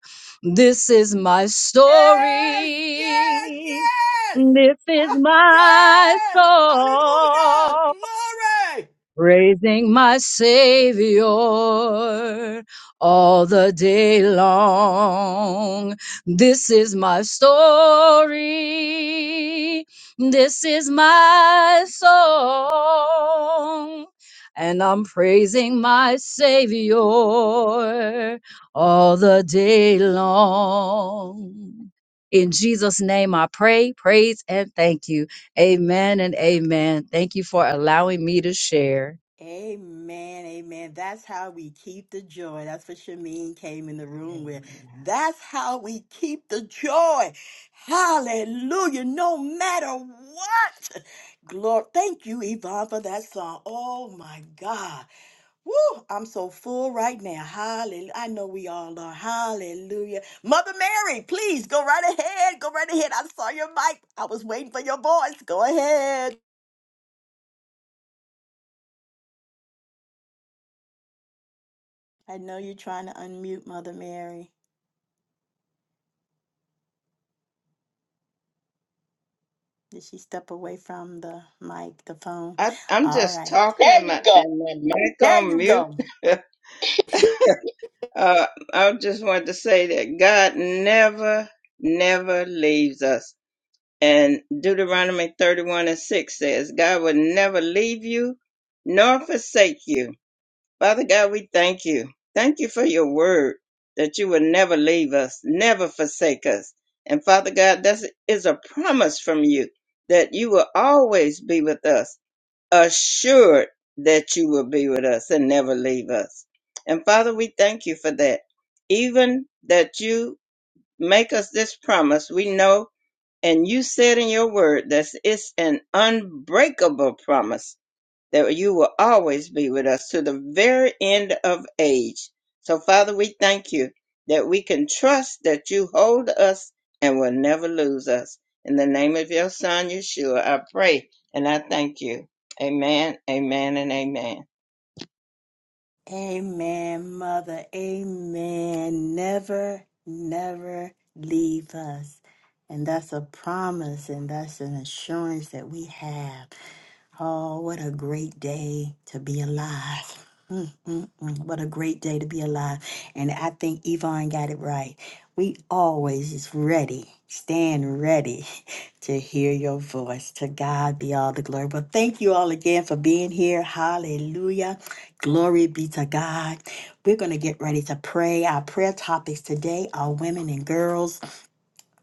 S5: This is my
S1: Yes, yes,
S5: story.
S1: yes!
S5: This is
S1: Ah,
S5: my
S1: Yes! Hallelujah!
S5: song
S1: Glory!
S5: praising my Savior all the day long. This is my story. This is my song. And I'm praising my Savior all the day long. In Jesus' name I pray, praise, and thank you. Amen and amen. Thank you for allowing me to share.
S1: Amen, amen. That's how we keep the joy. That's what Shameen came in the room with.
S3: Amen.
S1: That's how we keep the joy. Hallelujah. No matter what. Glory. Thank you, Yvonne, for that song. Oh my God. Woo! I'm so full right now. Hallelujah. I know we all are. Hallelujah. Mother Mary, please go right ahead. Go right ahead. I saw your mic. I was waiting for your voice. Go ahead. I know you're trying to unmute Mother Mary. Did she step away from the mic, the phone?
S6: I, I'm
S1: All
S6: just
S1: right.
S6: talking There to you my, go. and my mic
S1: There
S6: on
S1: you
S6: mute.
S1: go.
S6: uh, I just wanted to say that God never, never leaves us. And Deuteronomy 31 and 6 says, God will never leave you nor forsake you. Father God, we thank you. Thank you for your word that you will never leave us, never forsake us. And Father God, that is a promise from you that you will always be with us assured that you will be with us and never leave us. And Father, we thank you for that. Even that you make us this promise, we know, and you said in your word that it's an unbreakable promise that you will always be with us to the very end of age. So, Father, we thank you that we can trust that you hold us and will never lose us. In the name of your Son, Yeshua, I pray and I thank you. Amen, amen, and amen.
S1: Amen, Mother. Amen. Never, never leave us. And that's a promise and that's an assurance that we have. Oh, what a great day to be alive. Mm, mm, mm. What a great day to be alive. And I think Yvonne got it right. We always is ready, stand ready to hear your voice. To God be all the glory. But thank you all again for being here. Hallelujah. Glory be to God. We're going to get ready to pray. Our prayer topics today are women and girls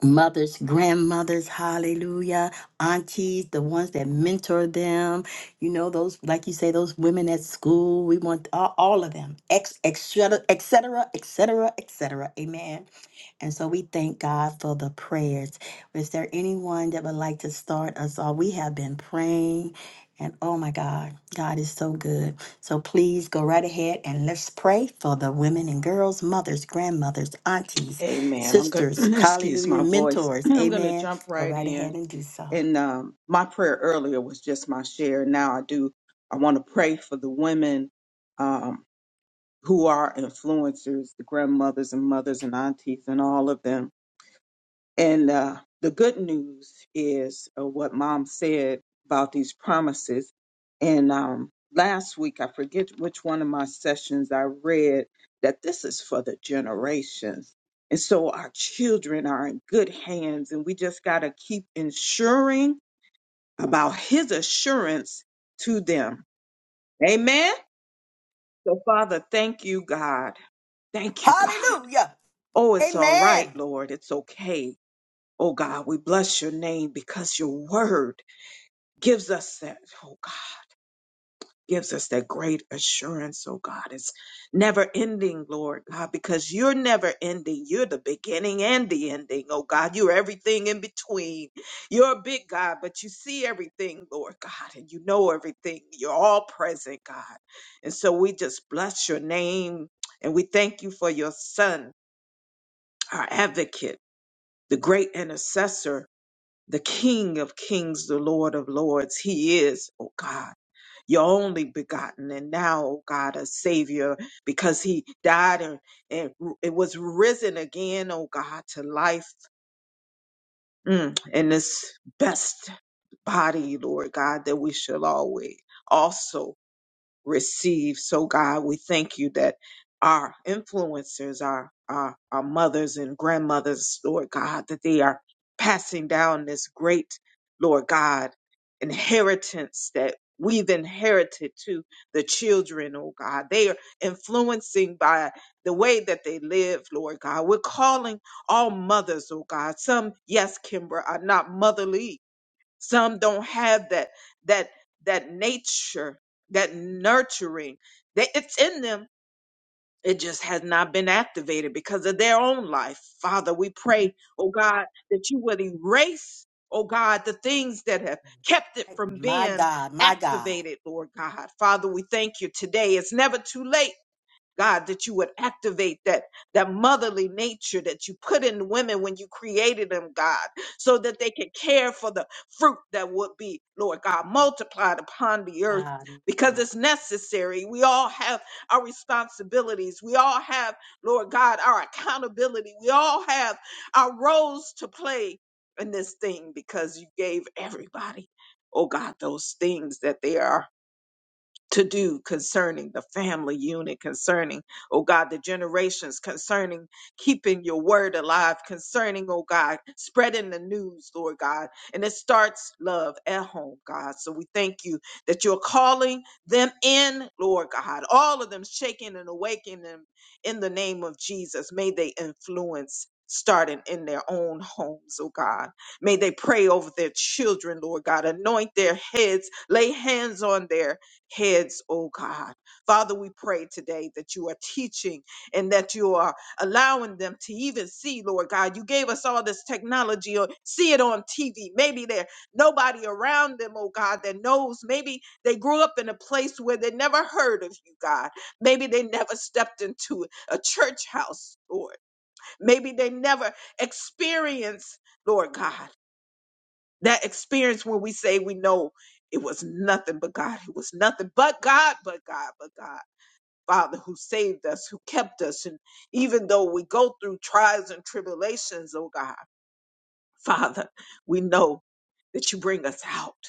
S1: mothers, grandmothers, hallelujah, aunties, the ones that mentor them, you know, those, like you say, those women at school, we want all, all of them, ex, et cetera, et cetera, et cetera, et cetera. Amen. And so we thank God for the prayers. Is there anyone that would like to start us off? We have been praying, and oh my God, God is so good. So please go right ahead and let's pray for the women and girls, mothers, grandmothers, aunties,
S3: Amen. I'm going
S1: sisters,
S3: to excuse
S1: hallelujah,
S3: my voice.
S1: mentors.
S3: I'm going to
S1: Amen.
S3: jump
S1: Go
S3: right
S1: right ahead
S3: in.
S1: and do so.
S3: And um, my prayer earlier was just my share. Now I do. I want to pray for the women um, who are influencers, the grandmothers and mothers and aunties and all of them And uh, the good news is uh, what mom said about these promises. And um, last week, I forget which one of my sessions I read that this is for the generations. And so our children are in good hands, and we just got to keep ensuring about his assurance to them. Amen. So, Father, thank you, God. Thank you, God.
S1: Hallelujah.
S3: Oh, it's all
S1: Amen.
S3: right, Lord. It's okay Oh God, we bless your name because your word gives us that, oh God, gives us that great assurance, oh God. It's never ending, Lord God, because you're never ending. You're the beginning and the ending, oh God. You're everything in between. You're a big God, but you see everything, Lord God, and you know everything. You're all present, God. And so we just bless your name and we thank you for your son, our advocate, the great intercessor the King of kings, the Lord of lords. He is, oh God, your only begotten, and now, oh God, a Savior, because He died and, and it was risen again, oh God, to life mm, in this best body, Lord God, that we shall always also receive. So God, we thank you that our influencers, our, our, our mothers and grandmothers, Lord God, that they are passing down this great, Lord God, inheritance that we've inherited to the children, oh God. They are influencing by the way that they live, Lord God. We're calling all mothers, oh God. Some, yes, Kimber, are not motherly, some don't have that that that nature that nurturing that it's in them it just has not been activated because of their own life father we pray oh god that you would erase oh god the things that have kept it from
S1: My
S3: being
S1: God, my God.
S3: activated lord god father we thank you today it's never too late God, that you would activate that, that motherly nature that you put in women when you created them, God, so that they can care for the fruit that would be, Lord God, multiplied upon the earth
S1: My God.
S3: because it's necessary. We all have our responsibilities. We all have, Lord God, our accountability. We all have our roles to play in this thing because you gave everybody, oh God, those things that they are to do concerning the family unit, concerning, oh God, the generations, concerning keeping your word alive, concerning, oh God, spreading the news, Lord God. And it starts love at home, God. So we thank you that you're calling them in, Lord God, all of them shaking and awakening them in the name of Jesus. May they influence. Starting in their own homes, oh God. May they pray over their children, Lord God. Anoint their heads, lay hands on their heads, oh God. Father, we pray today that you are teaching and that you are allowing them to even see, Lord God. You gave us all this technology or see it on TV. Maybe there's nobody around them, oh God, that knows. Maybe they grew up in a place where they never heard of you, God. Maybe they never stepped into a church house, Lord. Maybe they never experienced, Lord God. That experience when we say we know it was nothing but God. It was nothing but God, but God, but God. Father, who saved us, who kept us. And even though we go through trials and tribulations, oh God, Father, we know that you bring us out.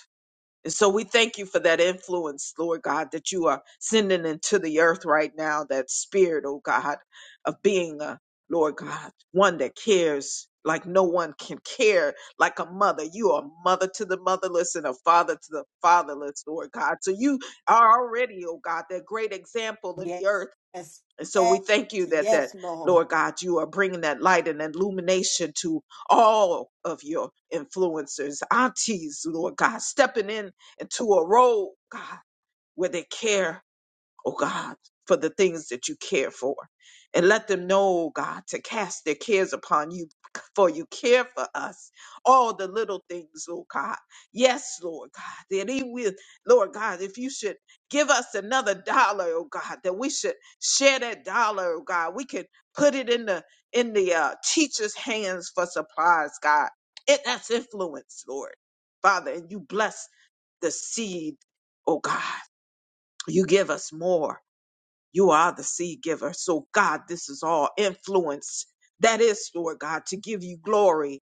S3: And so we thank you for that influence, Lord God, that you are sending into the earth right now, that spirit, oh God, of being a Lord God, one that cares like no one can care, like a mother. You are a mother to the motherless and a father to the fatherless, Lord God. So you are already, oh God, that great example in
S1: Yes,
S3: the earth
S1: yes,
S3: and so we thank you that that
S1: yes, Lord.
S3: Lord God, you are bringing that light and illumination to all of your influencers, aunties, Lord God, stepping in into a role, God, where they care oh God, for the things that you care for. And let them know, oh God, to cast their cares upon you, for you care for us. All the little things, oh God. Yes, Lord God, that He will, Lord God, if you should give us another dollar, oh God, that we should share that dollar, oh God. We can put it in the in the uh, teacher's hands for supplies, God. It, that's influence, Lord. Father, and you bless the seed, oh God. You give us more you are the seed giver. So, God, this is all influence. That is, Lord God, to give you glory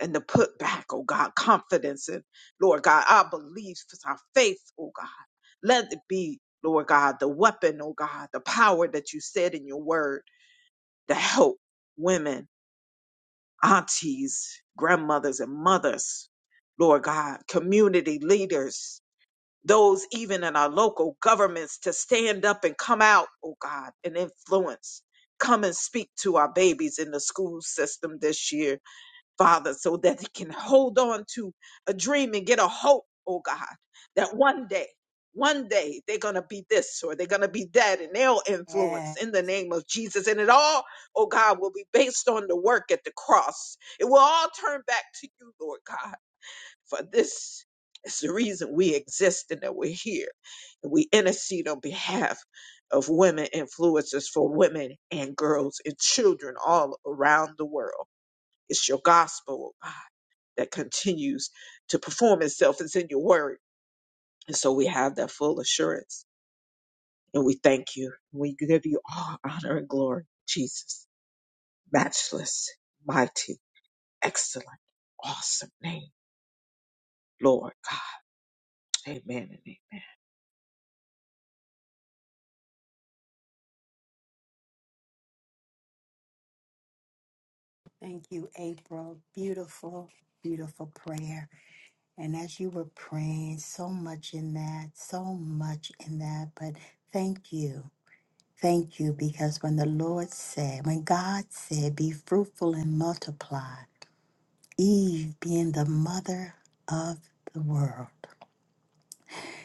S3: and to put back, oh God, confidence in, Lord God, our beliefs, our faith, oh God. Let it be, Lord God, the weapon, oh God, the power that you said in your word to help women, aunties, grandmothers, and mothers, Lord God, community leaders, those even in our local governments to stand up and come out, oh God, and influence. Come and speak to our babies in the school system this year, Father, so that they can hold on to a dream and get a hope, oh God, that one day, one day they're going to be this or they're going to be that and they'll
S1: Yes.
S3: influence in the name of Jesus. And it all, oh God, will be based on the work at the cross. It will all turn back to you, Lord God. For this is the reason we exist and that we're here. And we intercede on behalf of women influencers for women and girls and children all around the world. It's your gospel oh God, that continues to perform itself. It's in your word. And so we have that full assurance. And we thank you. We give you all honor and glory. Jesus, matchless, mighty, excellent, awesome name. Lord God. Amen and amen.
S1: Thank you, April. Beautiful, beautiful prayer. And as you were praying, so much in that, so much in that. But thank you. Thank you because when the Lord said, when God said, be fruitful and multiply, Eve being the mother of the world,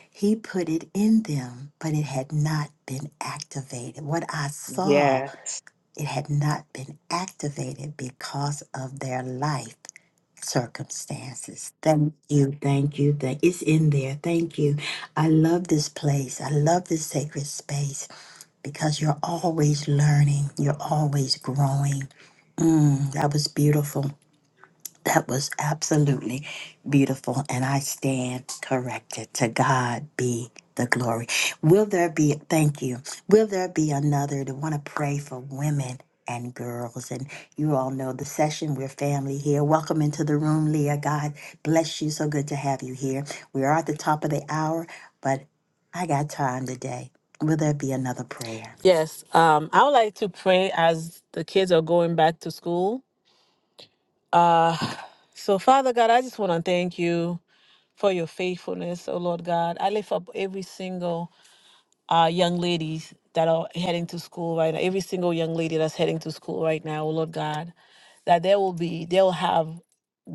S1: he put it in them, but it had not been activated. What I saw
S3: Yes.
S1: It had not been activated because of their life circumstances. Thank you, thank you, thank it's in there. Thank you. I love this place. I love this sacred space because you're always learning. You're always growing. Mm, that was beautiful. That was absolutely beautiful, and I stand corrected. To God be the glory. Will there be, thank you, will there be another to want to pray for women? And girls, and you all know the session. We're family here. Welcome into the room, Leah. God bless you. So good to have you here. We are at the top of the hour, but I got time today. Will there be another prayer?
S2: Yes, um, I would like to pray as the kids are going back to school. Uh, so, Father God, I just want to thank you for your faithfulness, oh Lord God. I lift up every single uh, young ladies that are heading to school right now, every single young lady that's heading to school right now, oh Lord God, that there will be, they'll have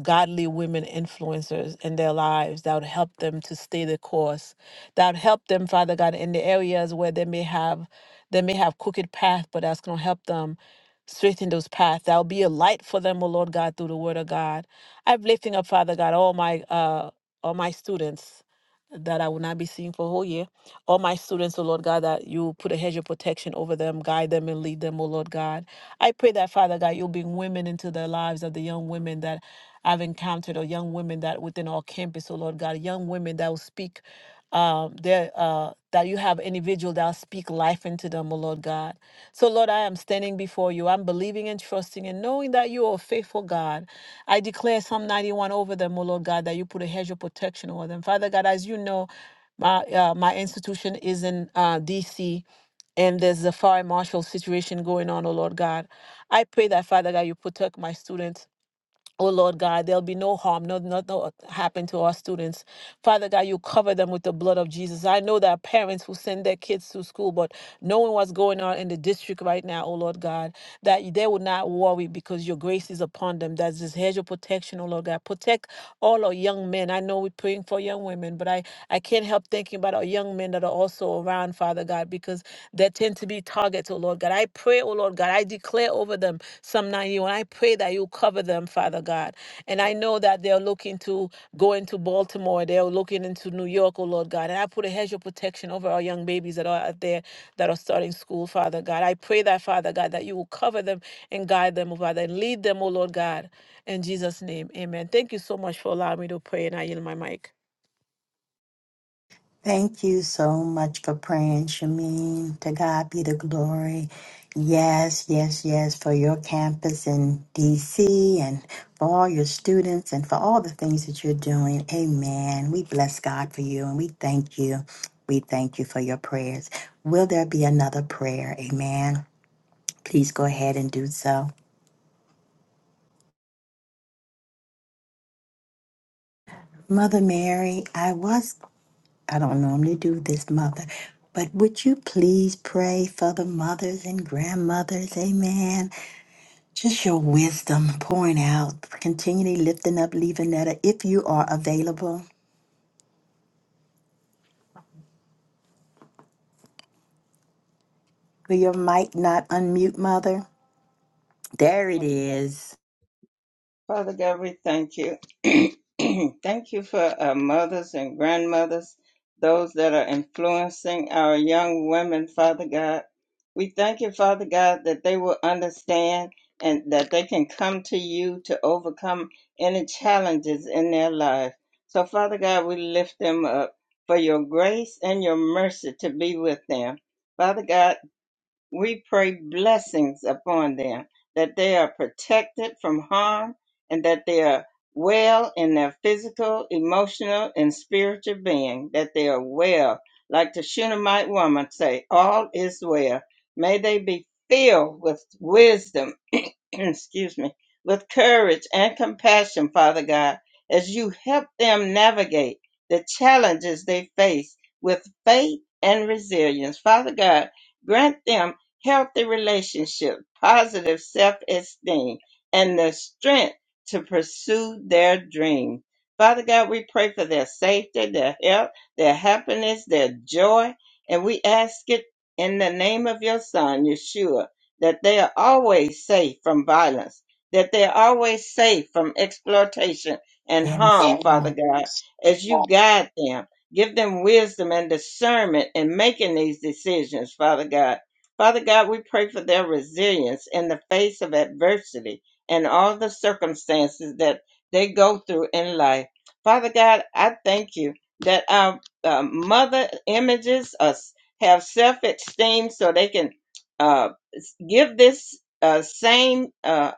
S2: godly women influencers in their lives that would help them to stay the course, that would help them, Father God, in the areas where they may have, they may have crooked path, but that's going to help them straighten those paths. That'll be a light for them, oh Lord God, through the word of God. I'm lifting up, Father God, all my, uh, all my students that I will not be seeing for a whole year. All my students, oh Lord God, that you put a hedge of protection over them, guide them and lead them, oh Lord God. I pray that, Father God, you'll bring women into the lives of the young women that I've encountered, or young women that within our campus, oh Lord God, young women that will speak um there uh that you have individual that'll speak life into them, oh Lord God. So Lord, I am standing before you. I'm believing and trusting and knowing that you are a faithful God. I declare Psalm 91 over them, oh Lord God, that you put a hedge of protection over them. Father God, as you know, my uh, my institution is in uh, D.C. and there's a fire marshal situation going on. Oh Lord God, I pray that Father God, you protect my students Oh Lord God, there'll be no harm, no, no, no happen to our students. Father God, you cover them with the blood of Jesus. I know that parents who send their kids to school, but knowing what's going on in the district right now, oh Lord God, that they will not worry because your grace is upon them. That's this hedge of protection, oh Lord God. Protect all our young men. I know we're praying for young women, but I, I can't help thinking about our young men that are also around, Father God, because they tend to be targets, oh Lord God. I pray, oh Lord God, I declare over them Psalm 91. I pray that you cover them, Father God. And I know that they're looking to go into Baltimore, they're looking into New York, oh Lord God. And I put a hedge of protection over our young babies that are out there that are starting school, Father God. I pray that, Father God, that you will cover them and guide them, oh Father, and lead them, oh Lord God. In Jesus' name, amen. Thank you so much for allowing me to pray, and I yield my mic.
S1: Thank you so much for praying, Shameen. To God be the glory. Yes, yes, yes, for your campus in DC and for all your students and for all the things that you're doing. Amen. We bless God for you and we thank you. We thank you for your prayers. Will there be another prayer? Amen. Please go ahead and do so. Mother Mary, I was I don't normally do this, Mother, but would you please pray for the mothers and grandmothers? Amen. Just your wisdom pouring out, continually lifting up Levanetta if you are available. Will your mic not unmute, Mother? There it is.
S6: Father God, we thank you. thank you for our mothers and grandmothers, those that are influencing our young women, Father God. We thank you, Father God, that they will understand and that they can come to you to overcome any challenges in their life. So, Father God, we lift them up for your grace and your mercy to be with them. Father God, we pray blessings upon them, that they are protected from harm and that they are well in their physical, emotional, and spiritual being, that they are well. Like the Shunammite woman say, all is well. May they be filled with wisdom excuse me, with courage and compassion, Father God, as you help them navigate the challenges they face with faith and resilience. Father God, grant them healthy relationships, positive self esteem, and the strength to pursue their dream. Father God, we pray for their safety, their health, their happiness, their joy, and we ask it in the name of your Son, Yeshua that they are always safe from violence, that they are always safe from exploitation and
S1: Yes.
S6: harm, Father
S1: Lord.
S6: God, as you guide them. Give them wisdom and discernment in making these decisions, Father God. Father God, we pray for their resilience in the face of adversity and all the circumstances that they go through in life. Father God, I thank you that our uh, mother images us have self esteem so they can uh, give this uh, same uh,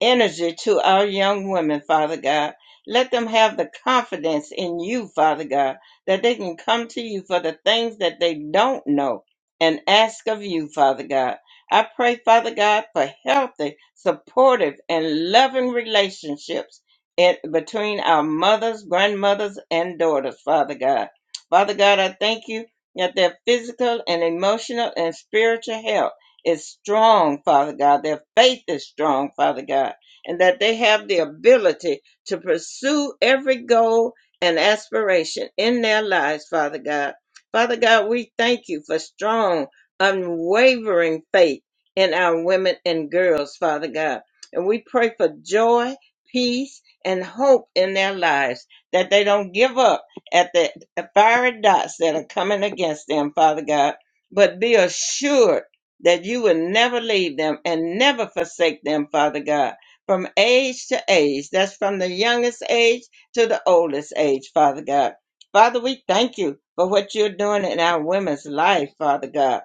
S6: energy to our young women, Father God. Let them have the confidence in you, Father God, that they can come to you for the things that they don't know and ask of you, Father God. I pray, Father God, for healthy, supportive, and loving relationships in, between our mothers, grandmothers, and daughters, Father God. Father God, I thank you that their physical and emotional and spiritual health is strong, Father God. Their faith is strong, Father God, and that they have the ability to pursue every goal and aspiration in their lives, Father God. Father God, we thank you for strong, unwavering faith in our women and girls, Father God. And we pray for joy, peace, and hope in their lives, that they don't give up at the fiery dots that are coming against them, Father God, but be assured that you will never leave them and never forsake them, Father God, from age to age. That's from the youngest age to the oldest age, Father God. Father, we thank you for what you're doing in our women's life, Father God.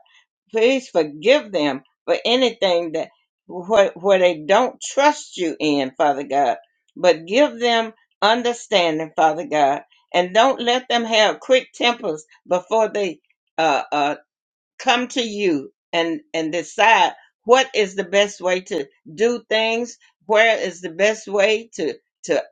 S6: Please forgive them for anything that where, where they don't trust you in, Father God. But give them understanding, Father God, and don't let them have quick tempers before they uh. uh, come to you and and decide what is the best way to do things where is the best way to to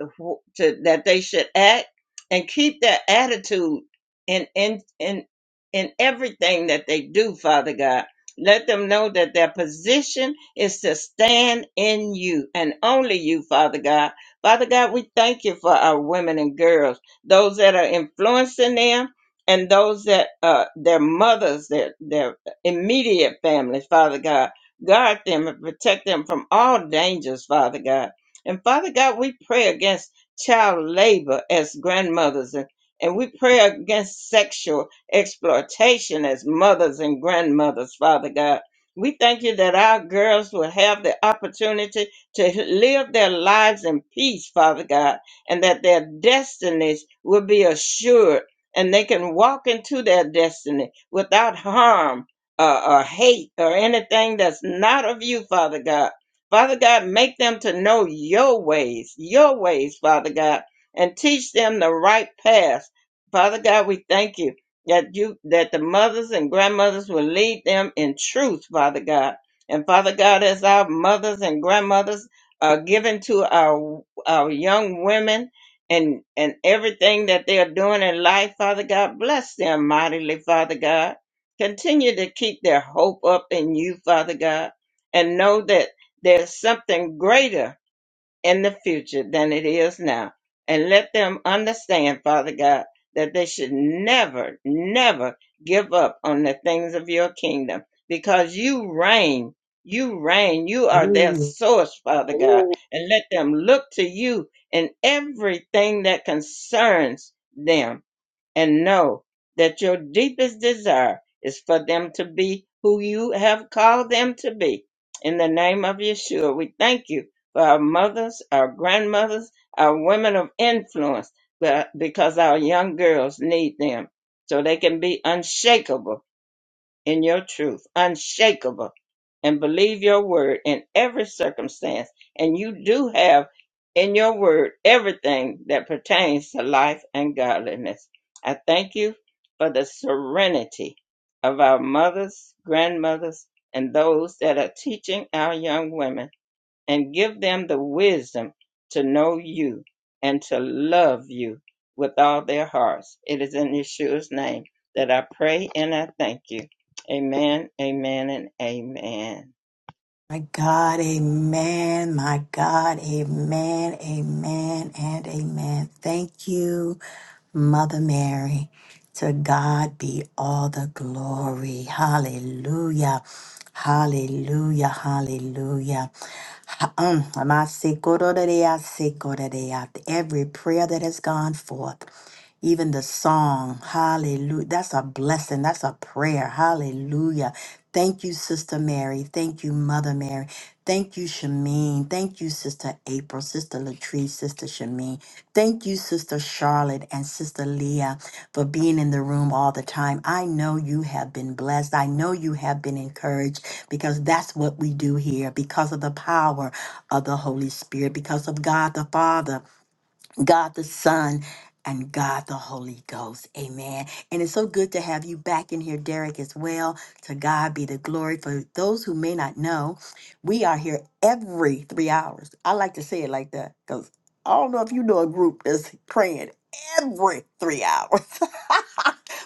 S6: to that they should act and keep that attitude in in in in everything that they do father god let them know that their position is to stand in you and only you father god father god we thank you for our women and girls those that are influencing them and those that uh, their mothers, their their immediate families, Father God, guard them and protect them from all dangers, Father God. And Father God, we pray against child labor as grandmothers, and, and we pray against sexual exploitation as mothers and grandmothers, Father God. We thank you that our girls will have the opportunity to live their lives in peace, Father God, and that their destinies will be assured and they can walk into their destiny without harm uh, or hate or anything that's not of you, Father God. Father God, make them to know your ways, your ways, Father God, and teach them the right path. Father God, we thank you that you that the mothers and grandmothers will lead them in truth, Father God. And Father God, as our mothers and grandmothers are given to our our young women and and everything that they are doing in life, Father God, bless them mightily, Father God. Continue to keep their hope up in you, Father God, and know that there's something greater in the future than it is now. And let them understand, Father God, that they should never, never give up on the things of your kingdom because you reign. You reign. You are their
S1: Hallelujah.
S6: source, Father God. And let them look to you in everything that concerns them and know that your deepest desire is for them to be who you have called them to be. In the name of Yeshua, we thank you for our mothers, our grandmothers, our women of influence, but- because our young girls need them so they can be unshakable in your truth, unshakable, and believe your word in every circumstance. And you do have in your word everything that pertains to life and godliness. I thank you for the serenity of our mothers, grandmothers, and those that are teaching our young women and give them the wisdom to know you and to love you with all their hearts. It is in Yeshua's name that I pray and I thank you. Amen, amen, and amen.
S1: My God, amen. My God, amen, amen, and amen. Thank you. Mother Mary. To God be all the glory. Hallelujah. Hallelujah. Hallelujah. Ha- um, Amasikororea, sikorodea. Every prayer that has gone forth, even the song, hallelujah. That's a blessing. That's a prayer. Hallelujah. Thank you, Sister Mary. Thank you, Mother Mary. Thank you, Shameen. Thank you, Sister April, Sister Latrice, Sister Shameen. Thank you, Sister Charlotte and Sister Leah, for being in the room all the time. I know you have been blessed. I know you have been encouraged because that's what we do here because of the power of the Holy Spirit, because of God the Father. God the Son, and God the Holy Ghost. Amen. And it's so good to have you back in here, Derek, as well. To God be the glory. For those who may not know, we are here every three hours. I like to say it like that because I don't know if you know a group that's praying every three hours.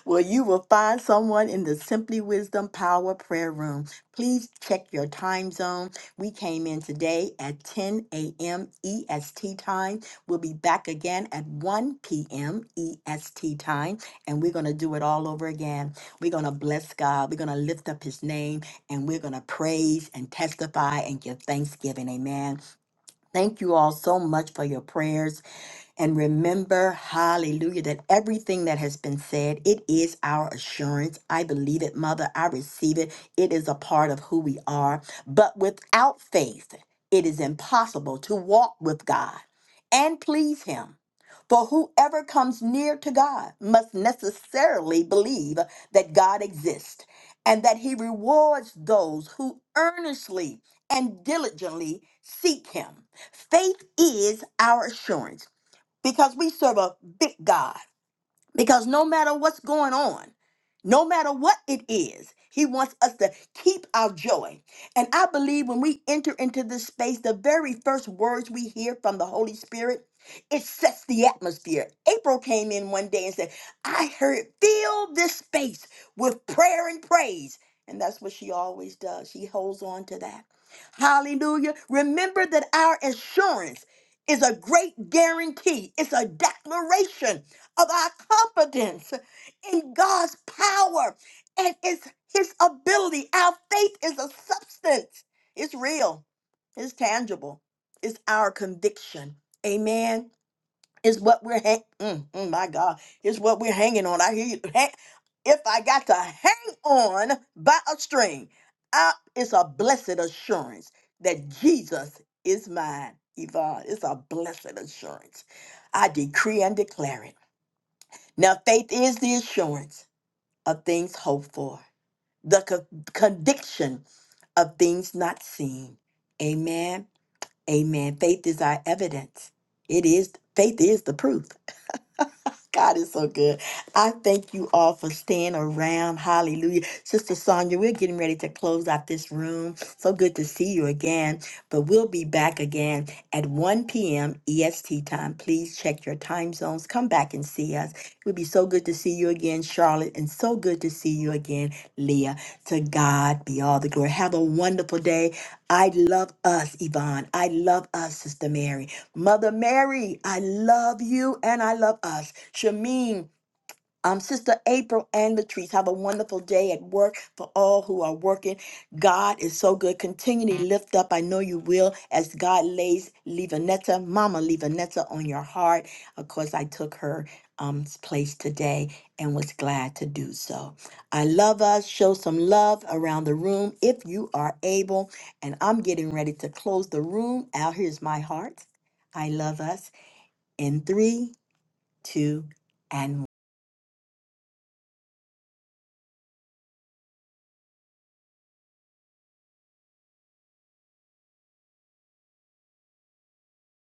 S1: Well, you will find someone in the Simply Wisdom Power Prayer Room. Please check your time zone. We came in today at 10 a.m. EST time. We'll be back again at 1 p.m. EST time, and we're going to do it all over again. We're going to bless God. We're going to lift up his name, and we're going to praise and testify and give thanksgiving. Amen. Thank you all so much for your prayers and remember, hallelujah, that everything that has been said, it is our assurance. I believe it, Mother. I receive it. It is a part of who we are. But without faith, it is impossible to walk with God and please Him. For whoever comes near to God must necessarily believe that God exists and that He rewards those who earnestly and diligently seek Him. Faith is our assurance because we serve a big God. Because no matter what's going on, no matter what it is, he wants us to keep our joy. And I believe when we enter into this space, the very first words we hear from the Holy Spirit, it sets the atmosphere. April came in one day and said, I heard, fill this space with prayer and praise. And that's what she always does. She holds on to that. Hallelujah. Remember that our assurance is a great guarantee, it's a declaration of our confidence in God's power and his, his ability. Our faith is a substance, it's real, it's tangible, it's our conviction. Amen. It's what we're hang- mm, mm, my God. It's what we're hanging on. I hear you. Hang- if I got to hang on by a string, I, it's a blessed assurance that Jesus is mine. Yvonne, it's a blessed assurance. I decree and declare it. Now, faith is the assurance of things hoped for, the co- conviction of things not seen. Amen. Amen. Faith is our evidence. It is faith is the proof. God is so good. I thank you all for staying around. Hallelujah. Sister Sonia, we're getting ready to close out this room. So good to see you again. But we'll be back again at 1 p.m. EST time. Please check your time zones. Come back and see us. It would be so good to see you again, Charlotte, and so good to see you again, Leah. To God be all the glory. Have a wonderful day. I love us, Yvonne. I love us, Sister Mary. Mother Mary, I love you and I love us. Shameen, um, Sister April and Latrice, have a wonderful day at work for all who are working. God is so good. Continually lift up. I know you will as God lays Levanetta, Mama Levanetta on your heart. Of course, I took her um, place today and was glad to do so. I love us. Show some love around the room if you are able. And I'm getting ready to close the room. Out here's my heart. I love us in three, two, and one.